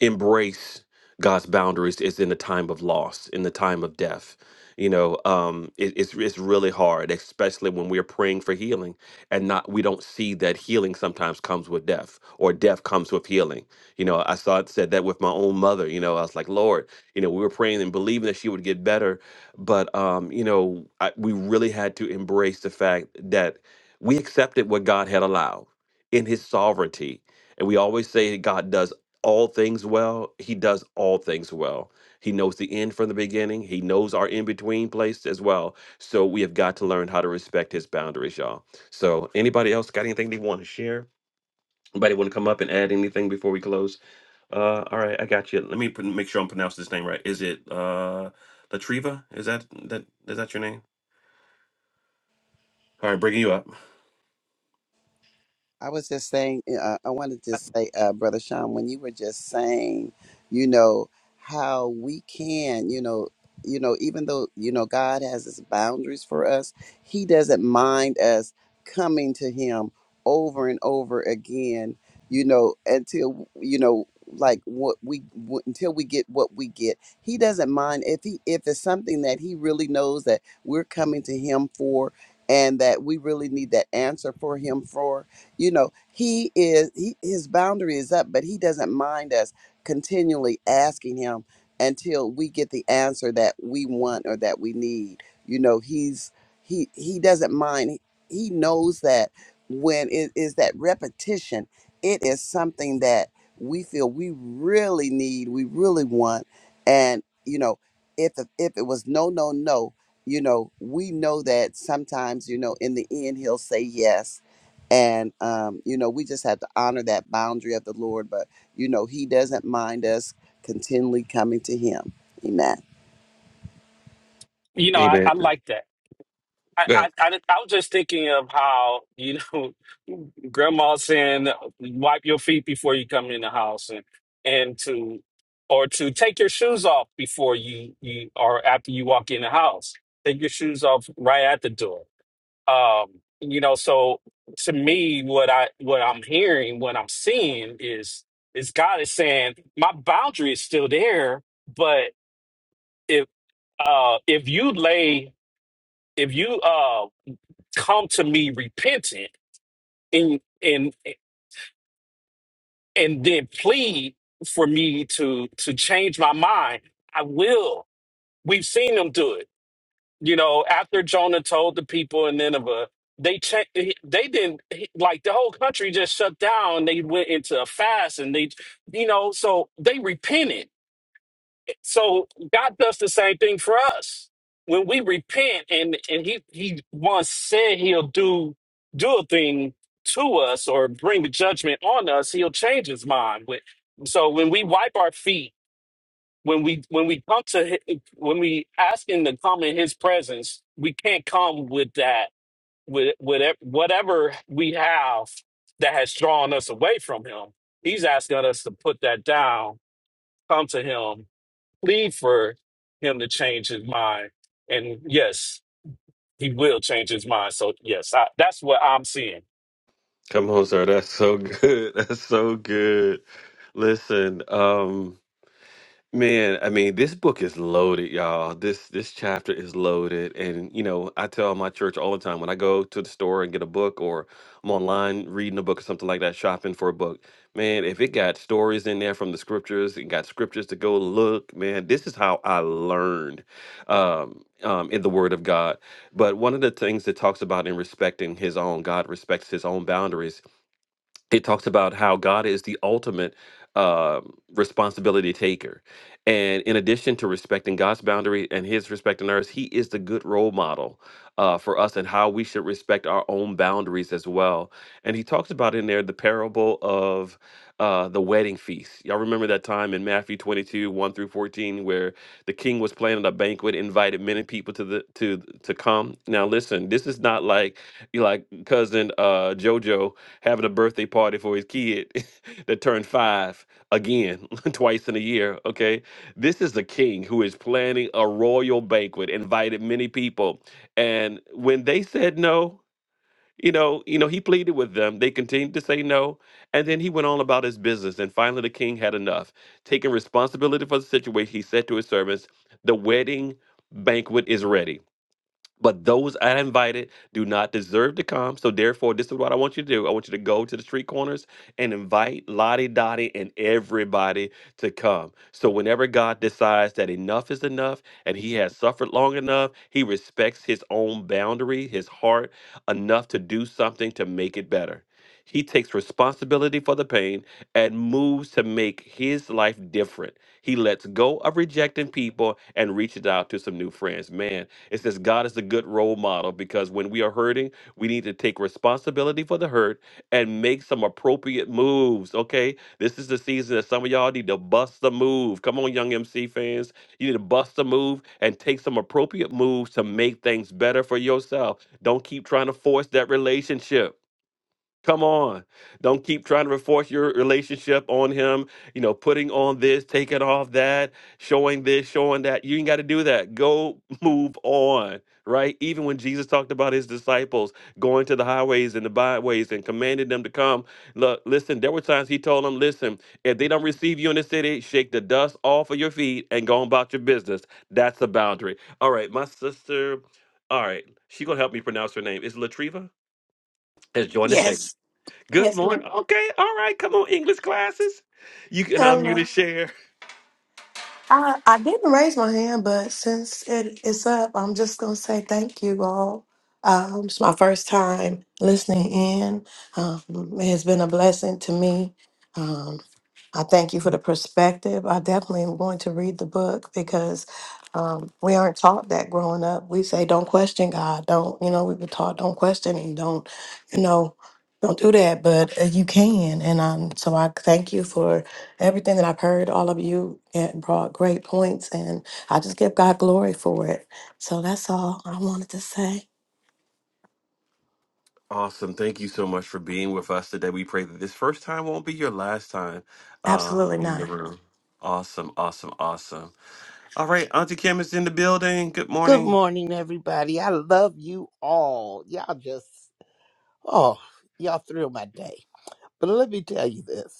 Speaker 1: embrace God's boundaries is in the time of loss, in the time of death. You know, um, it, it's it's really hard, especially when we're praying for healing and not we don't see that healing sometimes comes with death or death comes with healing. You know, I saw it said that with my own mother. You know, I was like, Lord, you know, we were praying and believing that she would get better, but um, you know, I, we really had to embrace the fact that we accepted what God had allowed in His sovereignty, and we always say God does all things well. He does all things well. He knows the end from the beginning. He knows our in between place as well. So we have got to learn how to respect his boundaries, y'all. So anybody else got anything they want to share? Anybody want to come up and add anything before we close? Uh, all right, I got you. Let me pr- make sure I'm pronouncing this name right. Is it uh, Latriva? Is that that is that your name? All right, bringing you up.
Speaker 2: I was just saying, eh, uh, I wanted to say, uh, Brother Sean, when you were just saying, you know, how we can, you know, you know, even though, you know, God has his boundaries for us, he doesn't mind us coming to him over and over again, you know, until, you know, like what we w- until we get what we get he doesn't mind if he if it's something that he really knows that we're coming to him for and that we really need that answer for him for you know he is he, his boundary is up but he doesn't mind us continually asking him until we get the answer that we want or that we need you know he's he he doesn't mind he, knows that when it is that repetition it is something that we feel we really need we really want and you know if the, if it was no no no you know we know that sometimes you know in the end he'll say yes and um, you know we just have to honor that boundary of the lord but you know he doesn't mind us continually coming to him amen
Speaker 4: You know, I, I like that. I, I I I was just thinking of how you know, *laughs* Grandma saying, "Wipe your feet before you come in the house," and and to or to take your shoes off before you you or after you walk in the house. Take your shoes off right at the door Um, you know, so to me, what I what I'm hearing, what I'm seeing is is God is saying my boundary is still there, but if uh if you lay if you uh come to me repentant and and and then plead for me to to change my mind, I will. We've seen him do it you know, after Jonah told the people in Nineveh, they checked, he- they didn't, he- like the whole country just shut down. They went into a fast and they, you know, so they repented. So God does the same thing for us. When we repent and, and he, he once said he'll do, do a thing to us or bring the judgment on us, he'll change his mind. With So when we wipe our feet when we when we come to hi- when we ask him to come in his presence we can't come with that with whatever whatever we have that has drawn us away from him he's asking us to put that down come to him plead for him to change his mind and yes he will change his mind so yes I, that's what i'm seeing
Speaker 1: Come on, sir. That's so good. *laughs* That's so good. Listen, um, Man, I mean, this book is loaded, y'all. This this chapter is loaded, and you know, I tell my church all the time when I go to the store and get a book, or I'm online reading a book or something like that, shopping for a book. Man, if it got stories in there from the scriptures, and got scriptures to go look. Man, this is how I learned um, um, in the Word of God. But one of the things that talks about in respecting His own, God respects His own boundaries it talks about how God is the ultimate um responsibility taker. And in addition to respecting God's boundary and his respect on ours, he is the good role model uh, for us and how we should respect our own boundaries as well. And he talks about in there the parable of uh, the wedding feast. Y'all remember that time in Matthew 22, 1 through 14, where the king was planning a banquet, invited many people to the to to come. Now listen, this is not like you like cousin uh, Jojo having a birthday party for his kid *laughs* that turned five again, *laughs* twice in a year. Okay. This is the king who is planning a royal banquet, invited many people. And when they said no, you know, you know, he pleaded with them. They continued to say no. And then he went on about his business. And finally the king had enough. Taking responsibility for the situation, he said to his servants, the wedding banquet is ready but those I invited do not deserve to come. So therefore, this is what I want you to do. I want you to go to the street corners and invite Lottie Dottie and everybody to come. So whenever God decides that enough is enough and he has suffered long enough, he respects his own boundary, his heart enough to do something to make it better. He takes responsibility for the pain and moves to make his life different. He lets go of rejecting people and reaches out to some new friends. Man, it says God is a good role model because when we are hurting, we need to take responsibility for the hurt and make some appropriate moves. Okay. This is the season that some of y'all need to bust the move. Come on, young MC fans. You need to bust the move and take some appropriate moves to make things better for yourself. Don't keep trying to force that relationship. Come on. Don't keep trying to enforce your relationship on him, you know, putting on this, taking off that, showing this, showing that. You ain't got to do that. Go *laughs* move on, right? Even when Jesus talked about his disciples going to the highways and the byways and commanded them to come, look, listen, there were times he told them, listen, if they don't receive you in the city, shake the dust off of your feet and go on about your business. That's the boundary. All right, my sister, all right, she going to help me pronounce her name. Is Latriva? Has joined us.
Speaker 7: Yes.
Speaker 1: Good
Speaker 7: Yes, ma'am.
Speaker 1: morning. Okay, all right. Come on, English classes. You can unmute
Speaker 7: Hello.
Speaker 1: and share.
Speaker 7: I, I didn't raise my hand, but since it is up, I'm just going to say thank you all. Um, it's my first time listening in. Um, it has been a blessing to me. Um, I thank you for the perspective. I definitely am going to read the book because um, we aren't taught that growing up. We say, don't question God. Don't, you know, we were taught, don't question Him. Don't, you know, don't do that. But uh, you can. And um, so I thank you for everything that I've heard. All of you had brought great points. And I just give God glory for it. So that's all I wanted to say.
Speaker 1: Awesome. Thank you so much for being with us today. We pray that this first time won't be your last time um,
Speaker 7: Absolutely
Speaker 1: in the
Speaker 7: not.
Speaker 1: room. Awesome, awesome, awesome. All right, Auntie Kim is in the building. Good
Speaker 8: Good
Speaker 1: morning.
Speaker 8: morning, everybody. I love you all. Y'all just, oh, y'all thrill my day. But let me tell you this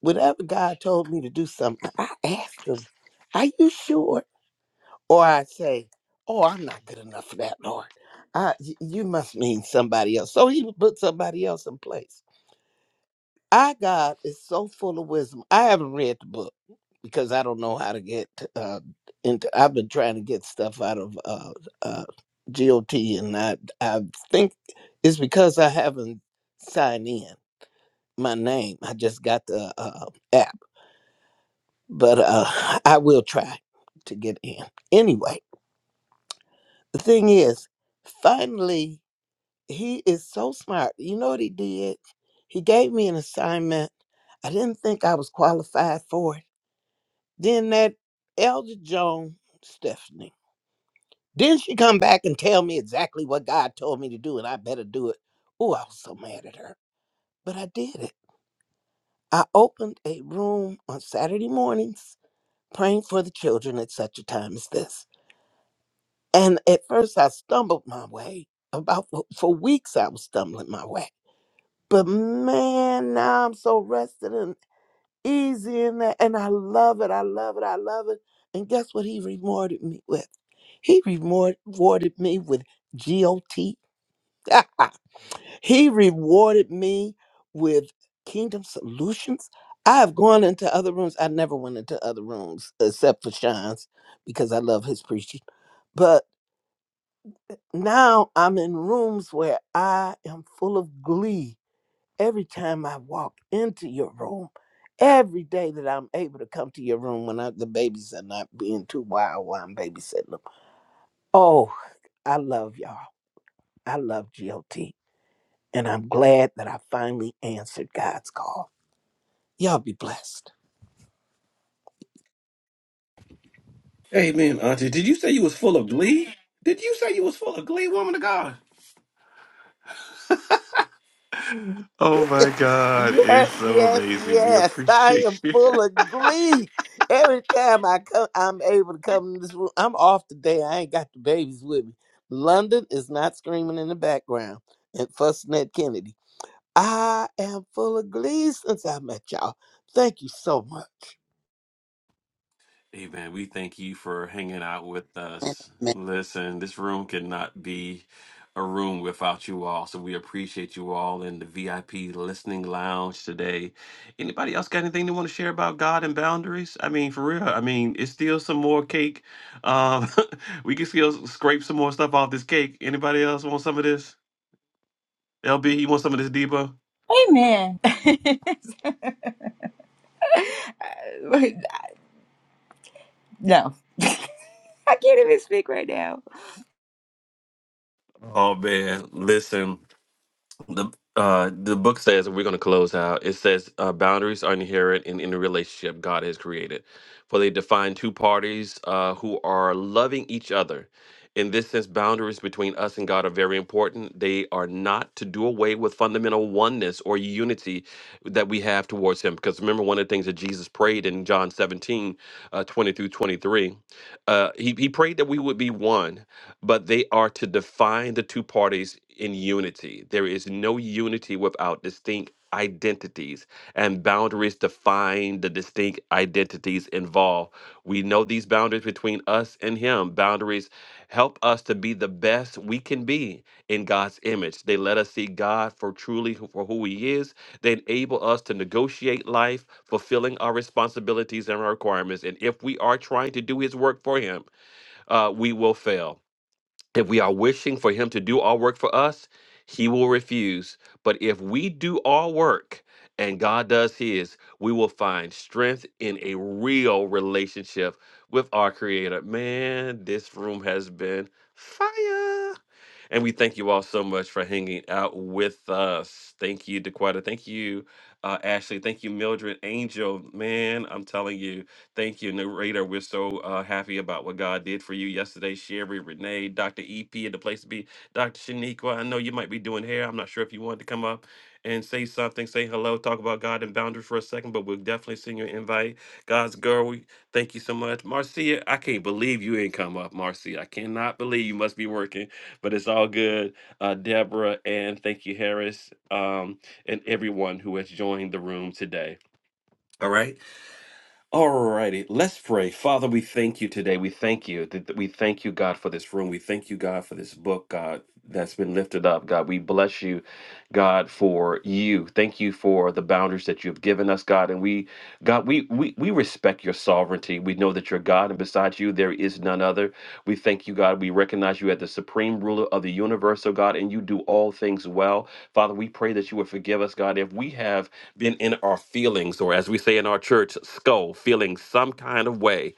Speaker 8: whenever God told me to do something, I asked Him, Are you sure? Or I say, Oh, I'm not good enough for that, Lord. I, y- you must mean somebody else. So He would put somebody else in place. Our God is so full of wisdom. I haven't read the book because I don't know how to get uh, into. I've been trying to get stuff out of uh, uh, GOT, and I I think it's because I haven't signed in my name. I just got the uh, app, but uh, *laughs* I will try to get in anyway. The thing is, finally, he is so smart. You know what he did? He gave me an assignment. I didn't think I was qualified for it Then that Elder Joan Stephanie. Then she come back and tell me exactly what God told me to do, and I better do it. Oh, I was so mad at her, but I did it. I opened a room on Saturday mornings praying for the children at such a time as this. And at first, I stumbled my way. About for for weeks, I was stumbling my way. But man, now I'm so rested and easy in that, and I love it. I love it. I love it. And guess what? He rewarded me with. He remor- rewarded me with GOT. *laughs* he rewarded me with Kingdom Solutions. I have gone into other rooms. I never went into other rooms except for Sean's because I love his preaching. But now I'm in rooms where I am full of glee every time I walk into your room. Every day that I'm able to come to your room when I, the babies are not being too wild while I'm babysitting them. Oh, I love y'all. I love G.O.T. and I'm glad that I finally answered God's call. Y'all be blessed.
Speaker 1: Amen, Auntie, did you say you was full of glee? Did you say you was full of glee, woman of God? Oh my God,
Speaker 8: Yes,
Speaker 1: it's so
Speaker 8: yes,
Speaker 1: amazing. We
Speaker 8: yes. I am
Speaker 1: appreciate you.
Speaker 8: full of glee. Every time I come, I'm able to come in this room. I'm off today. I ain't got the babies with me. London is not screaming in the background and fussing at Kennedy. I am full of glee since I met y'all. Thank you so much.
Speaker 1: Hey man, we thank you for hanging out with us.
Speaker 2: Amen.
Speaker 1: Listen, this room cannot be a room without you all. So we appreciate you all in the VIP listening lounge today. Anybody else got anything they want to share about God and boundaries? I mean, for real. I mean, it's still some more cake. Um, *laughs* we can still scrape some more stuff off this cake. Anybody else want some of this? LB, you want some of this Debo?
Speaker 5: Amen. *laughs* no, I can't even speak right now.
Speaker 1: Oh man, listen. the uh the book says we're going to close out it says uh, boundaries are inherent in any relationship god has created for they define two parties uh, who are loving each other in this sense boundaries between us and god are very important they are not to do away with fundamental oneness or unity that we have towards him because remember one of the things that jesus prayed in john 17 uh, 20 through 23 uh, he, he prayed that we would be one but they are to define the two parties in unity. There is no unity without distinct identities, and boundaries define the distinct identities involved. We know these boundaries between us and Him. Boundaries help us to be the best we can be in God's image. They let us see God for truly who- for who He is. They enable us to negotiate life, fulfilling our responsibilities and our requirements. And if we are trying to do His work for Him, uh, we will fail. If we are wishing for him to do all work for us, he will refuse. But if we do all work and God does his, we will find strength in a real relationship with our creator. Man, this room has been fire. And we thank you all so much for hanging out with us. Thank you, Dequita. Thank you, uh, Ashley. Thank you, Mildred Angel. Man, I'm telling you, thank you, narrator. We're so uh, happy about what God did for you yesterday. Sherry, Renee, Dr. EP at the place to be, Dr. Shaniqua. I know you might be doing hair. I'm not sure if you wanted to come up and say something, say hello, talk about God and boundaries for a second, but we'll definitely send you an invite. God's girl, we thank you so much. Marcia, I can't believe you ain't come up, Marcia. I cannot believe you must be working but it's all good. Uh, Deborah and thank you, Harris, um, and everyone who has joined the room today. All right. all righty. let's pray. Father, we thank you today. We thank you. Th- th- We thank you, God, for this room. We thank you, God, for this book, God, that's been lifted up. God, we bless you, God, for you. Thank you for the boundaries that you've given us, God. And we God, we, we, we respect your sovereignty. We know that you're God, and besides you, there is none other. We thank you, God. We recognize you as the supreme ruler of the universe, oh God, and you do all things well. Father, we pray that you would forgive us, God, if we have been in our feelings, or as we say in our church, skull, feeling some kind of way.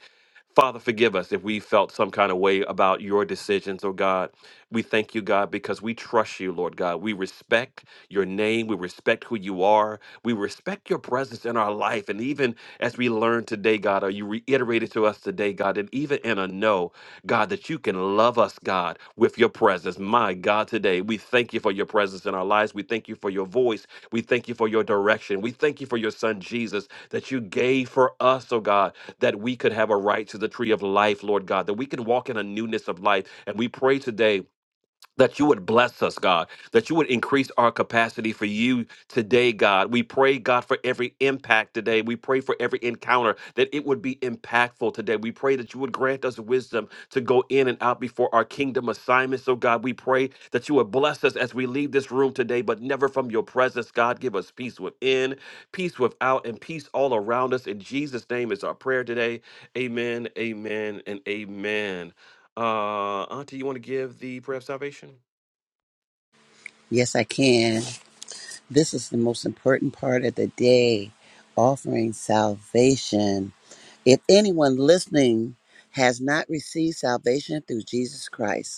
Speaker 1: Father, forgive us if we felt some kind of way about your decisions, oh God. We thank you, God, because we trust you, Lord God. We respect your name. We respect who you are. We respect your presence in our life. And even as we learn today, God, or you reiterated to us today, God, and even in a no, God, that you can love us, God, with your presence. My God, today, we thank you for your presence in our lives. We thank you for your voice. We thank you for your direction. We thank you for your son Jesus that you gave for us, oh God, that we could have a right to the tree of life, Lord God, that we can walk in a newness of life. And we pray today that you would bless us, God, that you would increase our capacity for you today, God. We pray, God, for every impact today. We pray for every encounter that it would be impactful today. We pray that you would grant us wisdom to go in and out before our kingdom assignments. So, God, we pray that you would bless us as we leave this room today, but never from your presence, God. Give us peace within, peace without, and peace all around us. In Jesus' name is our prayer today. Amen, amen, and amen. Uh, Auntie, you want to give the prayer of salvation?
Speaker 2: Yes, I can. This is the most important part of the day offering salvation. If anyone listening has not received salvation through Jesus Christ,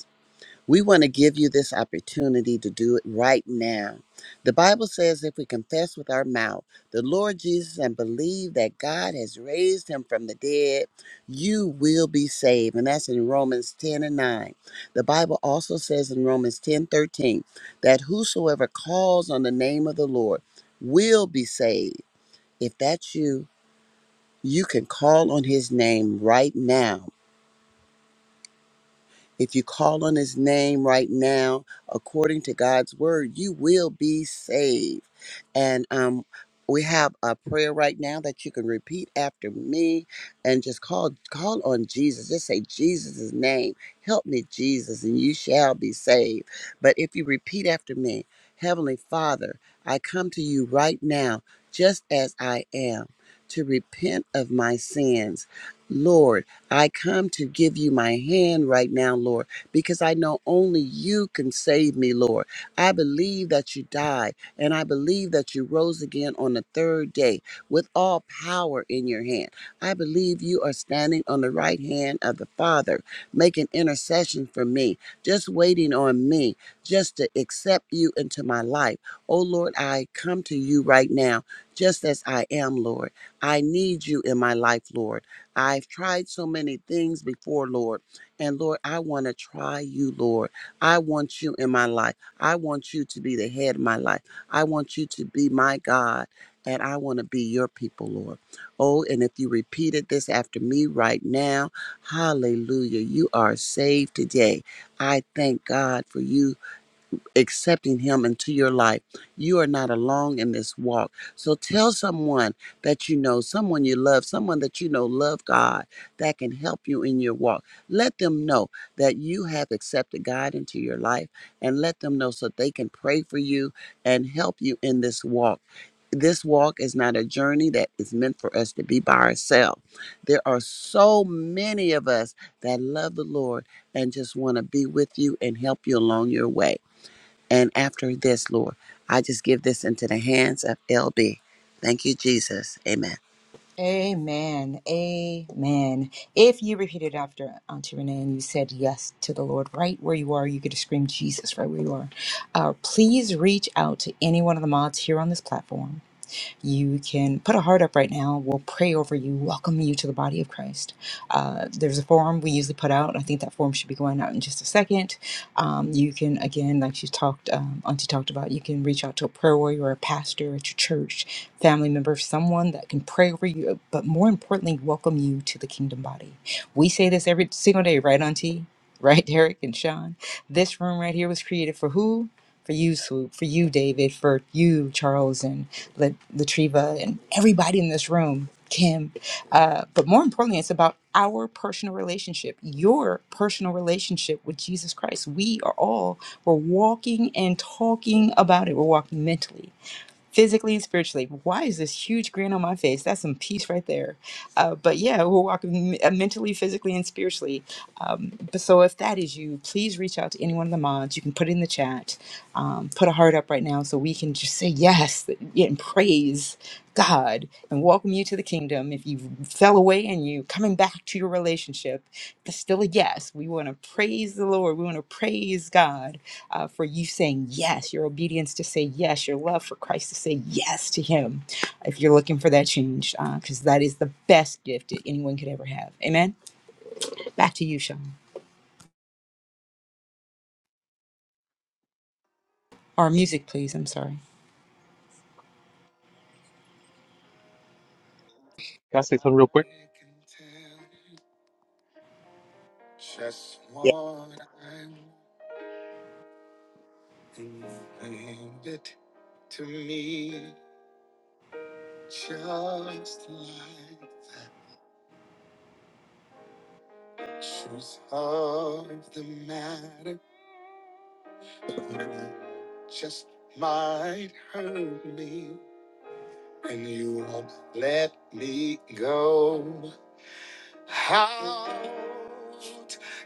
Speaker 2: We want to give you this opportunity to do it right now. The Bible says if we confess with our mouth the Lord Jesus and believe that God has raised him from the dead, you will be saved. And that's in Romans 10 and 9. The Bible also says in Romans 10 13 that whosoever calls on the name of the Lord will be saved. If that's you, you can call on his name right now If you call on his name right now, according to God's word, you will be saved. And um, we have a prayer right now that you can repeat after me and just call call on Jesus. Just say Jesus' name. Help me, Jesus, and you shall be saved. But if you repeat after me, Heavenly Father, I come to you right now, just as I am, to repent of my sins. Lord, I come to give you my hand right now, Lord, because I know only you can save me, Lord. I believe that you died and I believe that you rose again on the third day with all power in your hand. I believe you are standing on the right hand of the Father, making intercession for me, just waiting on me, just to accept you into my life. Oh, Lord, I come to you right now, just as I am, Lord. I need you in my life, Lord. I've tried so many things before, Lord. And Lord, I want to try you, Lord. I want you in my life. I want you to be the head of my life. I want you to be my God. And I want to be your people, Lord. Oh, and if you repeated this after me right now, hallelujah, you are saved today. I thank God for you accepting Him into your life. You are not alone in this walk. So tell someone that you know, someone you love, someone that you know love God that can help you in your walk. Let them know that you have accepted God into your life and let them know so they can pray for you and help you in this walk this walk is not a journey that is meant for us to be by ourselves. There are so many of us that love the Lord and just want to be with you and help you along your way. And after this, Lord, I just give this into the hands of LB. Thank you, Jesus. Amen.
Speaker 5: Amen. Amen. If you repeated after Auntie Renee and you said yes to the Lord right where you are, you could just scream Jesus right where you are. Uh, please reach out to any one of the mods here on this platform. you can put a heart up right now. We'll pray over you, welcome you to the body of Christ. Uh, there's a form we usually put out. I think that form should be going out in just a second. Um, you can, again, like she talked, um, Auntie talked about, you can reach out to a prayer warrior or a pastor at your church, family member, someone that can pray over you, but more importantly, welcome you to the kingdom body. We say this every single day, right, Auntie? Right, *laughs* Derek and Sean? This room right here was created for who? For you, Swoop, for you, David, for you, Charles, and La- Latriva, and everybody in this room, Kim. Uh, but more importantly, it's about our personal relationship, your personal relationship with Jesus Christ. We are all, we're walking and talking about it. We're walking mentally physically and spiritually. Why is this huge grin on my face? That's some peace right there. Uh, but yeah, we're walking m- uh, mentally, physically, and spiritually. Um, but so if that is you, please reach out to any one of the mods. You can put it in the chat, um, put a heart up right now so we can just say yes and praise God and welcome you to the kingdom. If you fell away and you coming back to your relationship, it's still a yes. We want to praise the Lord. We want to praise God uh, for you saying yes, your obedience to say yes, your love for Christ to say yes to Him. If you're looking for that change, because that is the best gift that anyone could ever have. Amen. Back to you, Sean. Or music, please. I'm sorry.
Speaker 9: Can I say
Speaker 1: I
Speaker 9: something real quick?
Speaker 1: can tell you just what I
Speaker 2: Yeah.
Speaker 1: want, and you bring it to me just like that. Truth of the matter, it just might hurt me, and you won't let me go out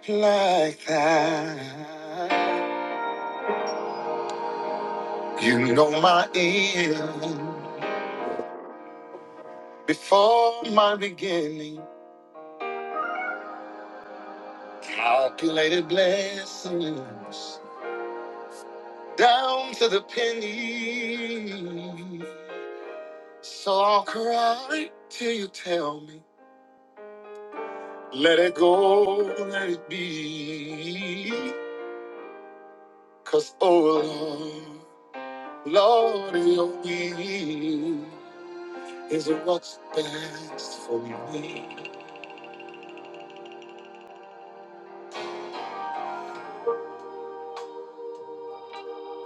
Speaker 1: like that. You know my end. Before my beginning, calculated blessings down to the penny. So I'll cry till you tell me, let it go, let it be. Cause oh Lord, Lord, in your will is what's best for me.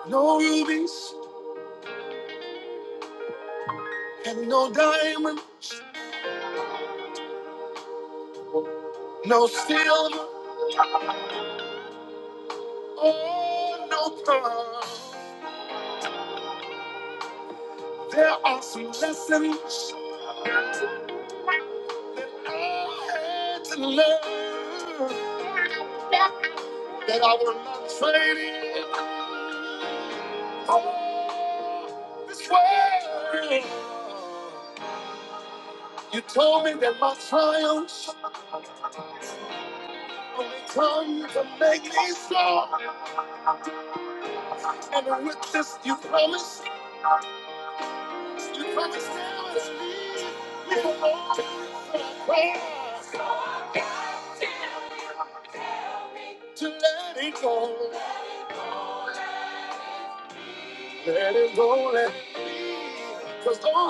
Speaker 1: No rubies and no diamonds, no silver Oh, no problem. There are some lessons I had to learn that I will not trade in for this world. You told me that my triumphs only come to make me strong. And with this, you promised, you promised there was me to let it go. Let it go, let it Cause all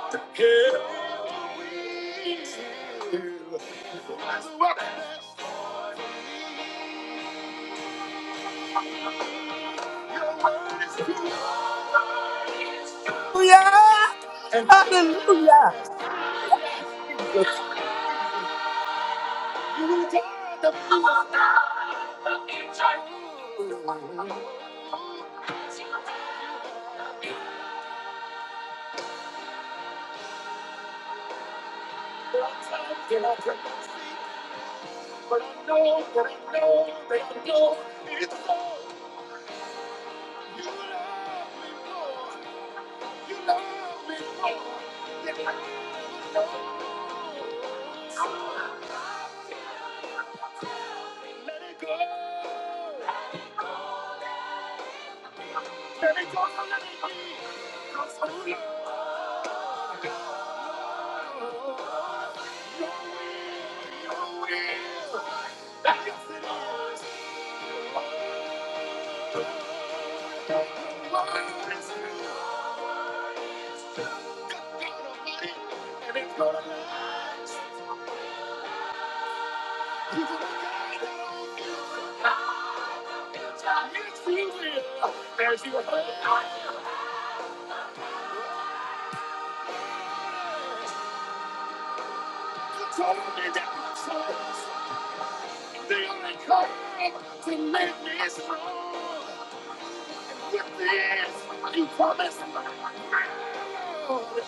Speaker 1: I care is you. That's what that's for Your word is true. And you got the power. No, they it's all you love me for. You love me for. Let it go. People are dying. I'm just losing you. As you hurt, I'm the target. The only one to make me strong. With this, you promised. Oh,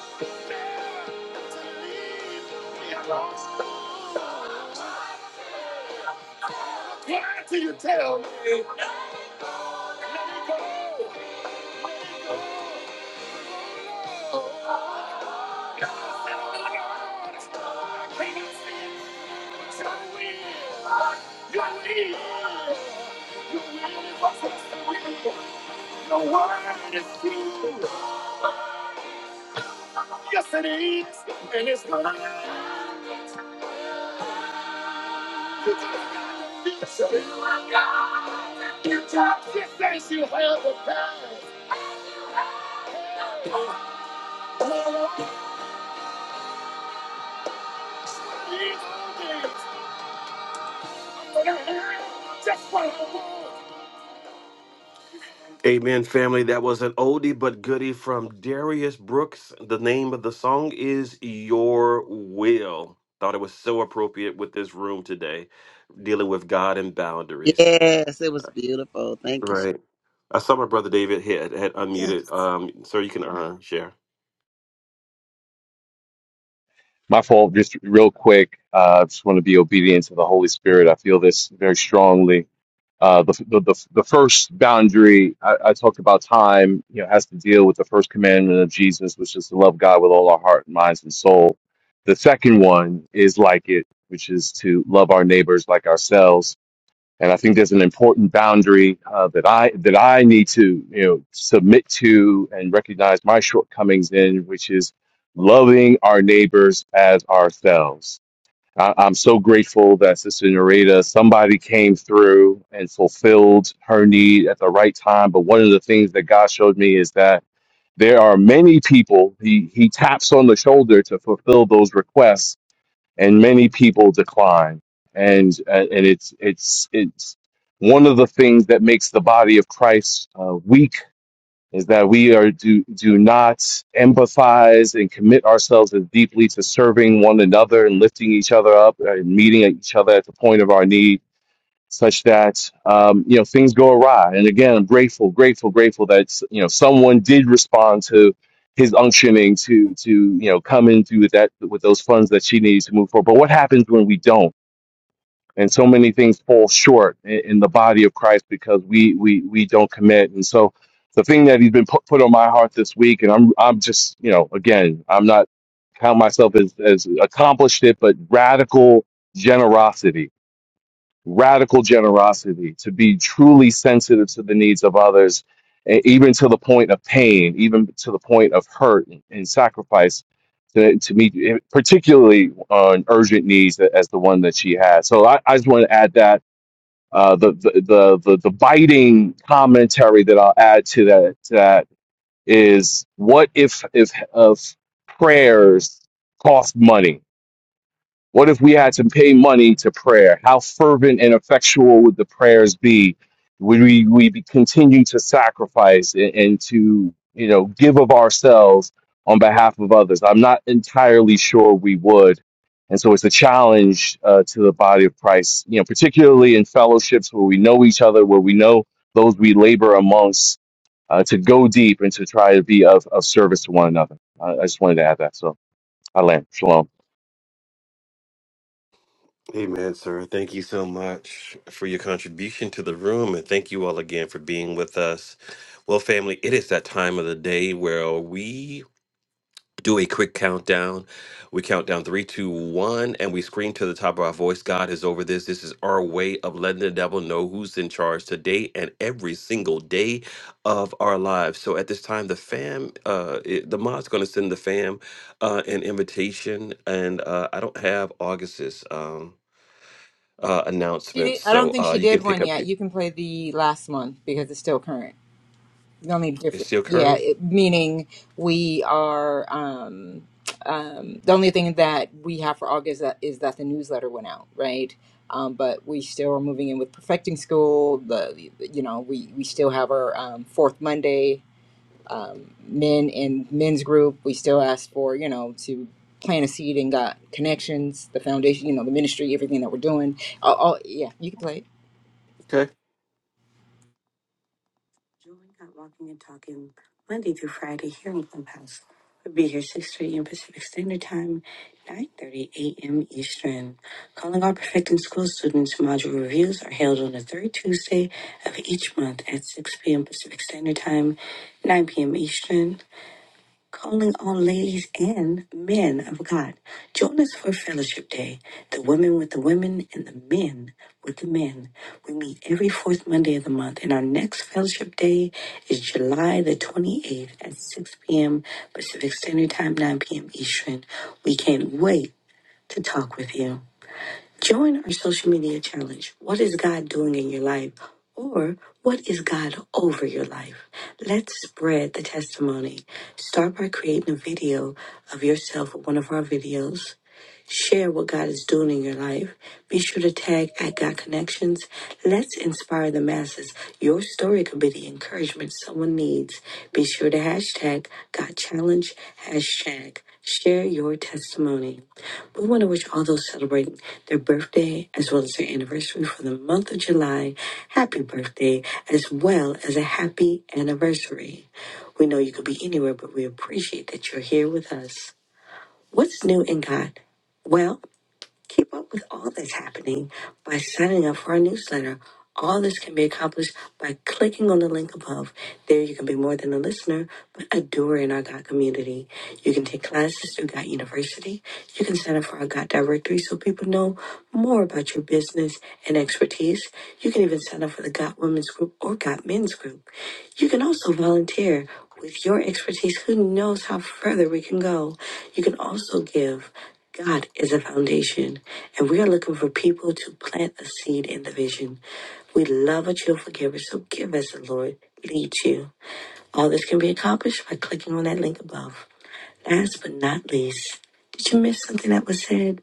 Speaker 1: to lead me on. Why do you tell me? Let it go. Let it go. Oh, I'm not afraid. The word is true. Yes, it is, and it's gonna last. You just gotta be sure you got to fix it. You just you think you have the power. Just follow the rules. Just follow the rules. Amen, family. That was an oldie but goodie from Darius Brooks. The name of the song is Your Will. Thought it was so appropriate with this room today, dealing with God and boundaries.
Speaker 2: Yes, it was beautiful. Thank you.
Speaker 1: Right.
Speaker 2: Sha-
Speaker 1: I saw my brother David had, had
Speaker 8: Yes,
Speaker 1: unmuted. Um, sir, you can uh, share.
Speaker 9: My fault, just real quick. Uh, I just want to be obedient to the Holy Spirit. I feel this very strongly. Uh, the, the, the, the first boundary I, I talked about time, you know, has to deal with the first commandment of Jesus, which is to love God with all our heart, minds, and soul. The second one is like it, which is to love our neighbors like ourselves. And I think there's an important boundary uh, that I that I need to you know submit to and recognize my shortcomings in, which is loving our neighbors as ourselves. I, I'm so grateful that Sister Narita, somebody came through and fulfilled her need at the right time. But one of the things that God showed me is that there are many people he, he taps on the shoulder to fulfill those requests and many people decline and uh, and it's it's it's one of the things that makes the body of Christ uh, weak is that we are do do not empathize and commit ourselves as deeply to serving one another and lifting each other up and meeting each other at the point of our need such that um, you know things go awry. And again, I'm grateful, grateful, grateful that you know someone did respond to his unctioning to to you know come in through with that with those funds that she needs to move forward. But what happens when we don't? And so many things fall short in, in the body of Christ because we we we don't commit. And so the thing that he's been put, put on my heart this week, and I'm I'm just you know again I'm not count myself as as accomplished it, but radical generosity radical generosity, to be truly sensitive to the needs of others, e- even to the point of pain, even to the point of hurt and, and sacrifice to, to meet eh, particularly on urgent needs a- as the one that she had. So I, I just want to add that. Uh, the, the, the, the, the biting commentary that I'll add to that, to that is what if, if, if prayers cost money? What if we had to pay money to prayer? How fervent and effectual would the prayers be? Would we, we be continue to sacrifice and, and to you know give of ourselves on behalf of others? I'm not entirely sure we would, and so it's a challenge uh, to the body of Christ. You know, particularly in fellowships where we know each other, where we know those we labor amongst, uh, to go deep and to try to be of, of service to one another. I, I just wanted to add that. So I land. Shalom.
Speaker 1: Amen, sir. Thank you so much for your contribution to the room, and thank you all again for being with us. Well, family, it is that time of the day where we do a quick countdown. We count down three, two, one, and we scream to the top of our voice. God is over this. This is our way of letting the devil know who's in charge today and every single day of our lives. So at this time, the fam, uh, it- the mod's going to send the fam uh, an invitation, and uh, I don't have August's um, uh,
Speaker 5: She
Speaker 1: announcements,
Speaker 5: did, I
Speaker 1: so
Speaker 5: don't think
Speaker 1: uh,
Speaker 5: she
Speaker 1: you can
Speaker 5: did
Speaker 1: pick
Speaker 5: one
Speaker 1: up.
Speaker 5: yet.
Speaker 1: the-
Speaker 5: You can play the last one because it's still current. They'll need
Speaker 1: It's
Speaker 5: different.
Speaker 1: still
Speaker 5: Yeah,
Speaker 1: current.
Speaker 5: it, meaning we are. Um, um, the only thing that we have for August that is that the newsletter went out, right? Um, but we still are moving in with perfecting school. The you know we we still have our um, fourth Monday um, men and men's group. We still ask for you know to plant a seed and got connections, the foundation, you know, the ministry, everything that we're doing. Oh, yeah, you can play it.
Speaker 1: Join Got Walking and Talking Monday through Friday here in Clubhouse. We'll be here 6 thirty a.m. Pacific Standard Time, 9.30 a.m. Eastern. Calling all Perfecting School students, module reviews are held on the third Tuesday of each month at 6 p.m. Pacific Standard Time, 9 p.m. Eastern calling all ladies and men of God. Join us for Fellowship Day, the women with the women and the men with the men. We meet every fourth Monday of the month, and our next Fellowship Day is July the 28th at 6 p.m. Pacific Standard Time, 9 p.m. Eastern. We can't wait to talk with you. Join our social media challenge. What is God doing in your life? Or what is God over your life? Let's spread the testimony. Start by creating a video of yourself with one of our videos. Share what God is doing in your life. Be sure to tag at God Connections. Let's inspire the masses. Your story could be the encouragement someone needs. Be sure to hashtag God Challenge, hashtag share your testimony. We want to wish all those celebrating their birthday as well as their anniversary for the month of July happy birthday as well as a happy anniversary. We know you could be anywhere, but we appreciate that you're here with us. What's new in God? Well. Keep up with all that's happening by signing up for our newsletter. All this can be accomplished by clicking on the link above. There, you can be more than a listener, but a doer in our God community. You can take classes through God University. You can sign up for our God directory so people know more about your business and expertise. You can even sign up for the God Women's Group or God Men's Group. You can also volunteer with your expertise. Who knows how further we can go? You can also give. God is a foundation, and we are looking for people to plant a seed in the vision. We love a cheerful giver, so give as the Lord leads you. All this can be accomplished by clicking on that link above. Last but not least, did you miss something that was said?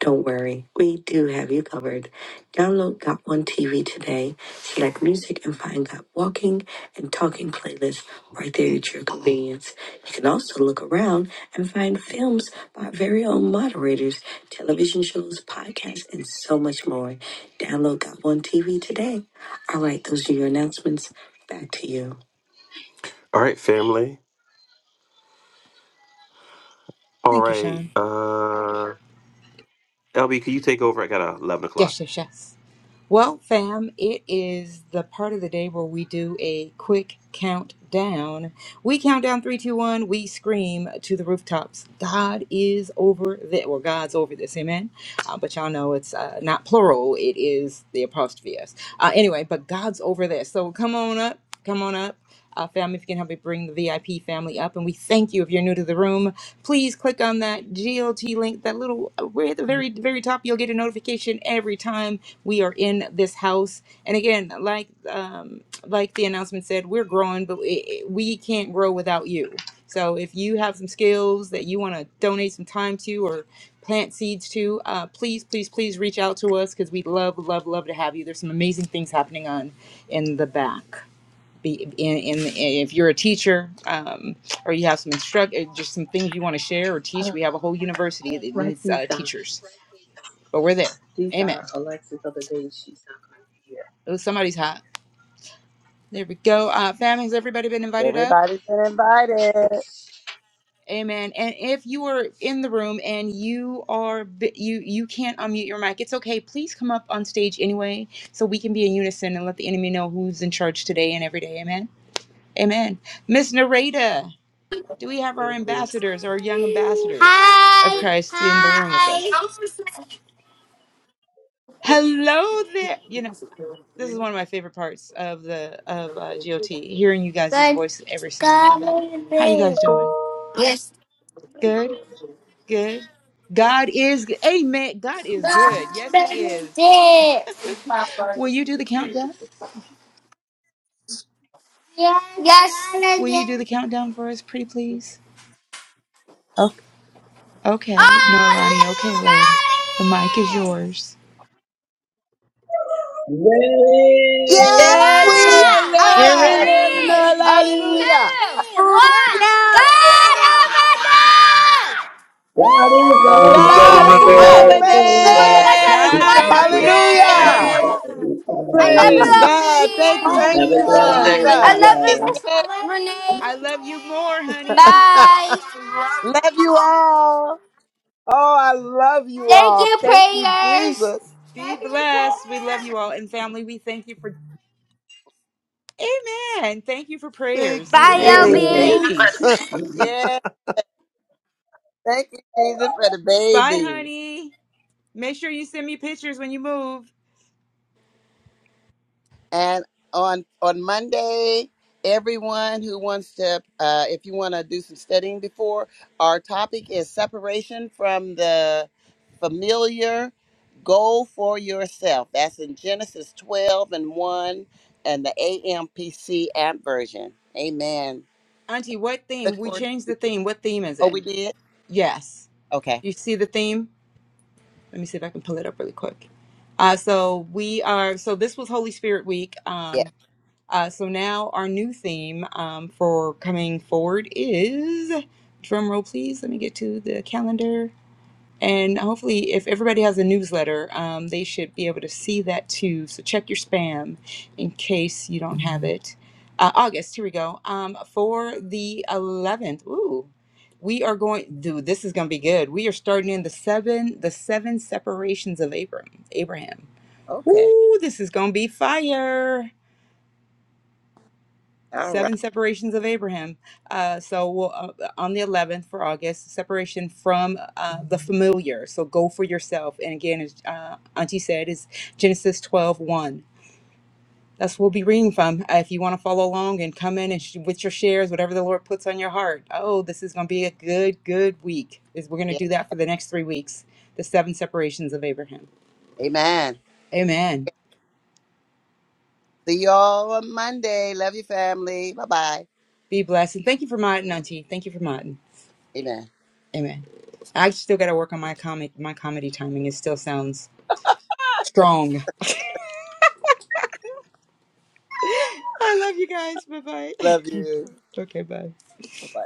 Speaker 1: Don't worry, we do have you covered. Download Got One TV today, select music, and find Got Walking and Talking playlists right there at your convenience. You can also look around and find films by our very own moderators, television shows, podcasts, and so much more. Download Got One TV today. All right, those are your announcements. Back to you. All right, family. All
Speaker 5: Thank you,
Speaker 1: right.
Speaker 5: Sean.
Speaker 1: Uh LB, can you take over? I got a eleven o'clock.
Speaker 5: Yes, yes, yes. Well, fam, it is the part of the day where we do a quick countdown. We count down three, two, one. We scream to the rooftops. God is over this. Well, God's over this. Amen. Uh, but y'all know it's uh, not plural. It is the apostrophe s. Uh, anyway, but God's over this. So come on up. Come on up. Uh, family, if you can help me bring the VIP family up, and we thank you if you're new to the room. Please click on that GLT link, that little, we're at the very, very top. You'll get a notification every time we are in this house and again like um like the announcement said we're growing but we we can't grow without you so if you have some skills that you want to donate some time to or plant seeds to uh, please please please reach out to us because we'd love love love to have you there's some amazing things happening on in the back be in, in, if you're a teacher um, or you have some instruct uh, just some things you want to share or
Speaker 10: I
Speaker 5: teach
Speaker 10: don't
Speaker 5: we
Speaker 10: know.
Speaker 5: have a whole university that
Speaker 10: Write
Speaker 5: needs
Speaker 10: these
Speaker 5: uh,
Speaker 10: down.
Speaker 5: teachers but we're there
Speaker 10: These are
Speaker 5: amen
Speaker 10: Alexa's other days she's not going to be here.
Speaker 5: it was somebody's hot There we go. Uh, fam, has everybody been invited up?
Speaker 2: Everybody's been invited.
Speaker 5: Amen. And if you are in the room and you are bi- you you can't unmute your mic, it's okay. Please come up on stage anyway, so we can be in unison and let the enemy know who's in charge today and every day. Amen. Amen. Miss Nareda, do we have our ambassadors, our young ambassadors of
Speaker 11: Hi.
Speaker 5: Christ, in the room with
Speaker 11: Hi.
Speaker 5: us? Hello there. You know this is one of my favorite parts of the of uh, GOT, hearing you guys'
Speaker 11: Good.
Speaker 5: voice every single morning.
Speaker 11: good
Speaker 5: How you guys
Speaker 11: day.
Speaker 5: doing?
Speaker 11: Yes.
Speaker 5: Good. good. God is g- Amen. God is good. Yes, He
Speaker 11: Garden day. Yes. Yes. Garden
Speaker 5: is.
Speaker 11: day.
Speaker 5: Will
Speaker 11: Oh,
Speaker 5: you do the countdown?
Speaker 11: yes.
Speaker 5: Will you do the countdown for us, pretty please? Oh, okay. No, Alani. Okay, Lib. The mic is yours.
Speaker 12: Yay!
Speaker 8: yes
Speaker 2: Yes, we're
Speaker 8: we
Speaker 11: Yeah. Wait, no.
Speaker 5: We're
Speaker 11: Three,
Speaker 2: ready.
Speaker 8: are.
Speaker 2: Living
Speaker 5: ready.
Speaker 2: our
Speaker 11: Three, two, two,
Speaker 2: life.
Speaker 8: Hallelujah.
Speaker 11: one.
Speaker 13: Oh
Speaker 11: one.
Speaker 13: no!
Speaker 11: God over there.
Speaker 12: God
Speaker 11: Woo!
Speaker 12: is
Speaker 9: It's
Speaker 12: over
Speaker 2: God
Speaker 8: God
Speaker 9: over
Speaker 2: is
Speaker 12: this.
Speaker 9: there.
Speaker 2: over
Speaker 8: over
Speaker 11: I
Speaker 12: Hallelujah.
Speaker 11: hope you guys
Speaker 8: this.
Speaker 11: have a
Speaker 2: this.
Speaker 5: God's over
Speaker 11: wonderful
Speaker 12: Thank
Speaker 2: Hallelujah.
Speaker 12: you,
Speaker 8: Hallelujah.
Speaker 5: this.
Speaker 11: day.
Speaker 12: Father.
Speaker 11: I
Speaker 2: Praise
Speaker 12: Hallelujah.
Speaker 2: God. Thank
Speaker 11: love
Speaker 2: you,
Speaker 8: Thank
Speaker 12: Have a
Speaker 8: you,
Speaker 14: Hallelujah.
Speaker 12: blessed
Speaker 2: Jesus.
Speaker 8: Jesus.
Speaker 12: day.
Speaker 8: *laughs*
Speaker 11: you, Obi.
Speaker 2: Thank
Speaker 11: I
Speaker 12: Love
Speaker 2: you for
Speaker 11: love
Speaker 2: this.
Speaker 11: you,
Speaker 12: y'all.
Speaker 2: day.
Speaker 11: Miss Renee.
Speaker 5: I love you more, honey.
Speaker 8: oh,
Speaker 11: Bye.
Speaker 2: Love you all.
Speaker 8: I love you
Speaker 11: Thank
Speaker 8: all.
Speaker 11: you,
Speaker 8: Thank you,
Speaker 11: prayers.
Speaker 8: Jesus.
Speaker 5: Be blessed. We love you all. And family, we thank you for Amen. Thank you for
Speaker 8: Thank
Speaker 5: prayers. Look
Speaker 8: you,
Speaker 5: at
Speaker 11: Bye,
Speaker 5: these
Speaker 12: Amen.
Speaker 11: Obi.
Speaker 8: babies.
Speaker 5: babies.
Speaker 2: Yeah. Thank you, Jesus, for the
Speaker 5: Bye,
Speaker 2: babies.
Speaker 5: honey. Make sure you send me pictures when you move.
Speaker 2: And on on Monday, everyone who wants to, uh, if you want to do some studying before, our topic is separation from the familiar. Goal for yourself. That's in Genesis 12 and 1 and the AMPC app version. Amen.
Speaker 5: Auntie, what
Speaker 2: Look
Speaker 5: theme? We
Speaker 2: forward.
Speaker 5: changed the theme. What theme is
Speaker 2: To- oh,
Speaker 5: it?
Speaker 2: we did?
Speaker 5: Yes.
Speaker 2: Okay.
Speaker 5: You see the theme? Let me see if I can pull it up really quick. Uh, so we are, so this was Holy Spirit Week.
Speaker 2: Yeah.
Speaker 5: Um, uh, so now our new theme um, for coming forward is, drum roll please, let me get to the calendar. And hopefully, if everybody has a newsletter, um, they should be able to see that too. So check your spam in case you don't have it. Uh, August, here we go. Um, for the 11th, ooh, we are going, dude, this is going to be good. We are starting in the seven, the seven separations of Abram, Abraham.
Speaker 2: Okay.
Speaker 5: Ooh, this is going to be fire
Speaker 2: All right.
Speaker 5: seven separations of Abraham. Uh, so we'll, uh, on the 11th for August, separation from uh, the familiar. So go for yourself. And again, as uh, Auntie said, is Genesis twelve one. That's what we'll be reading from. Uh, if you want to follow along and come in and sh- with your shares, whatever the Lord puts on your heart. Oh, this is going to be a good, good week. Is we're going to
Speaker 2: Yeah.
Speaker 5: do that for the next three weeks. The seven separations of Abraham.
Speaker 2: Amen.
Speaker 5: Amen.
Speaker 2: See y'all on Monday. Love you, family. Bye bye.
Speaker 5: Be blessed. And thank you for modding, Auntie. Thank you for modding.
Speaker 2: Amen.
Speaker 5: Amen. I still got to work on my comic. My comedy timing. It still sounds strong. I love you guys. Bye bye.
Speaker 2: Love you.
Speaker 5: *laughs* okay, bye.
Speaker 2: Bye bye.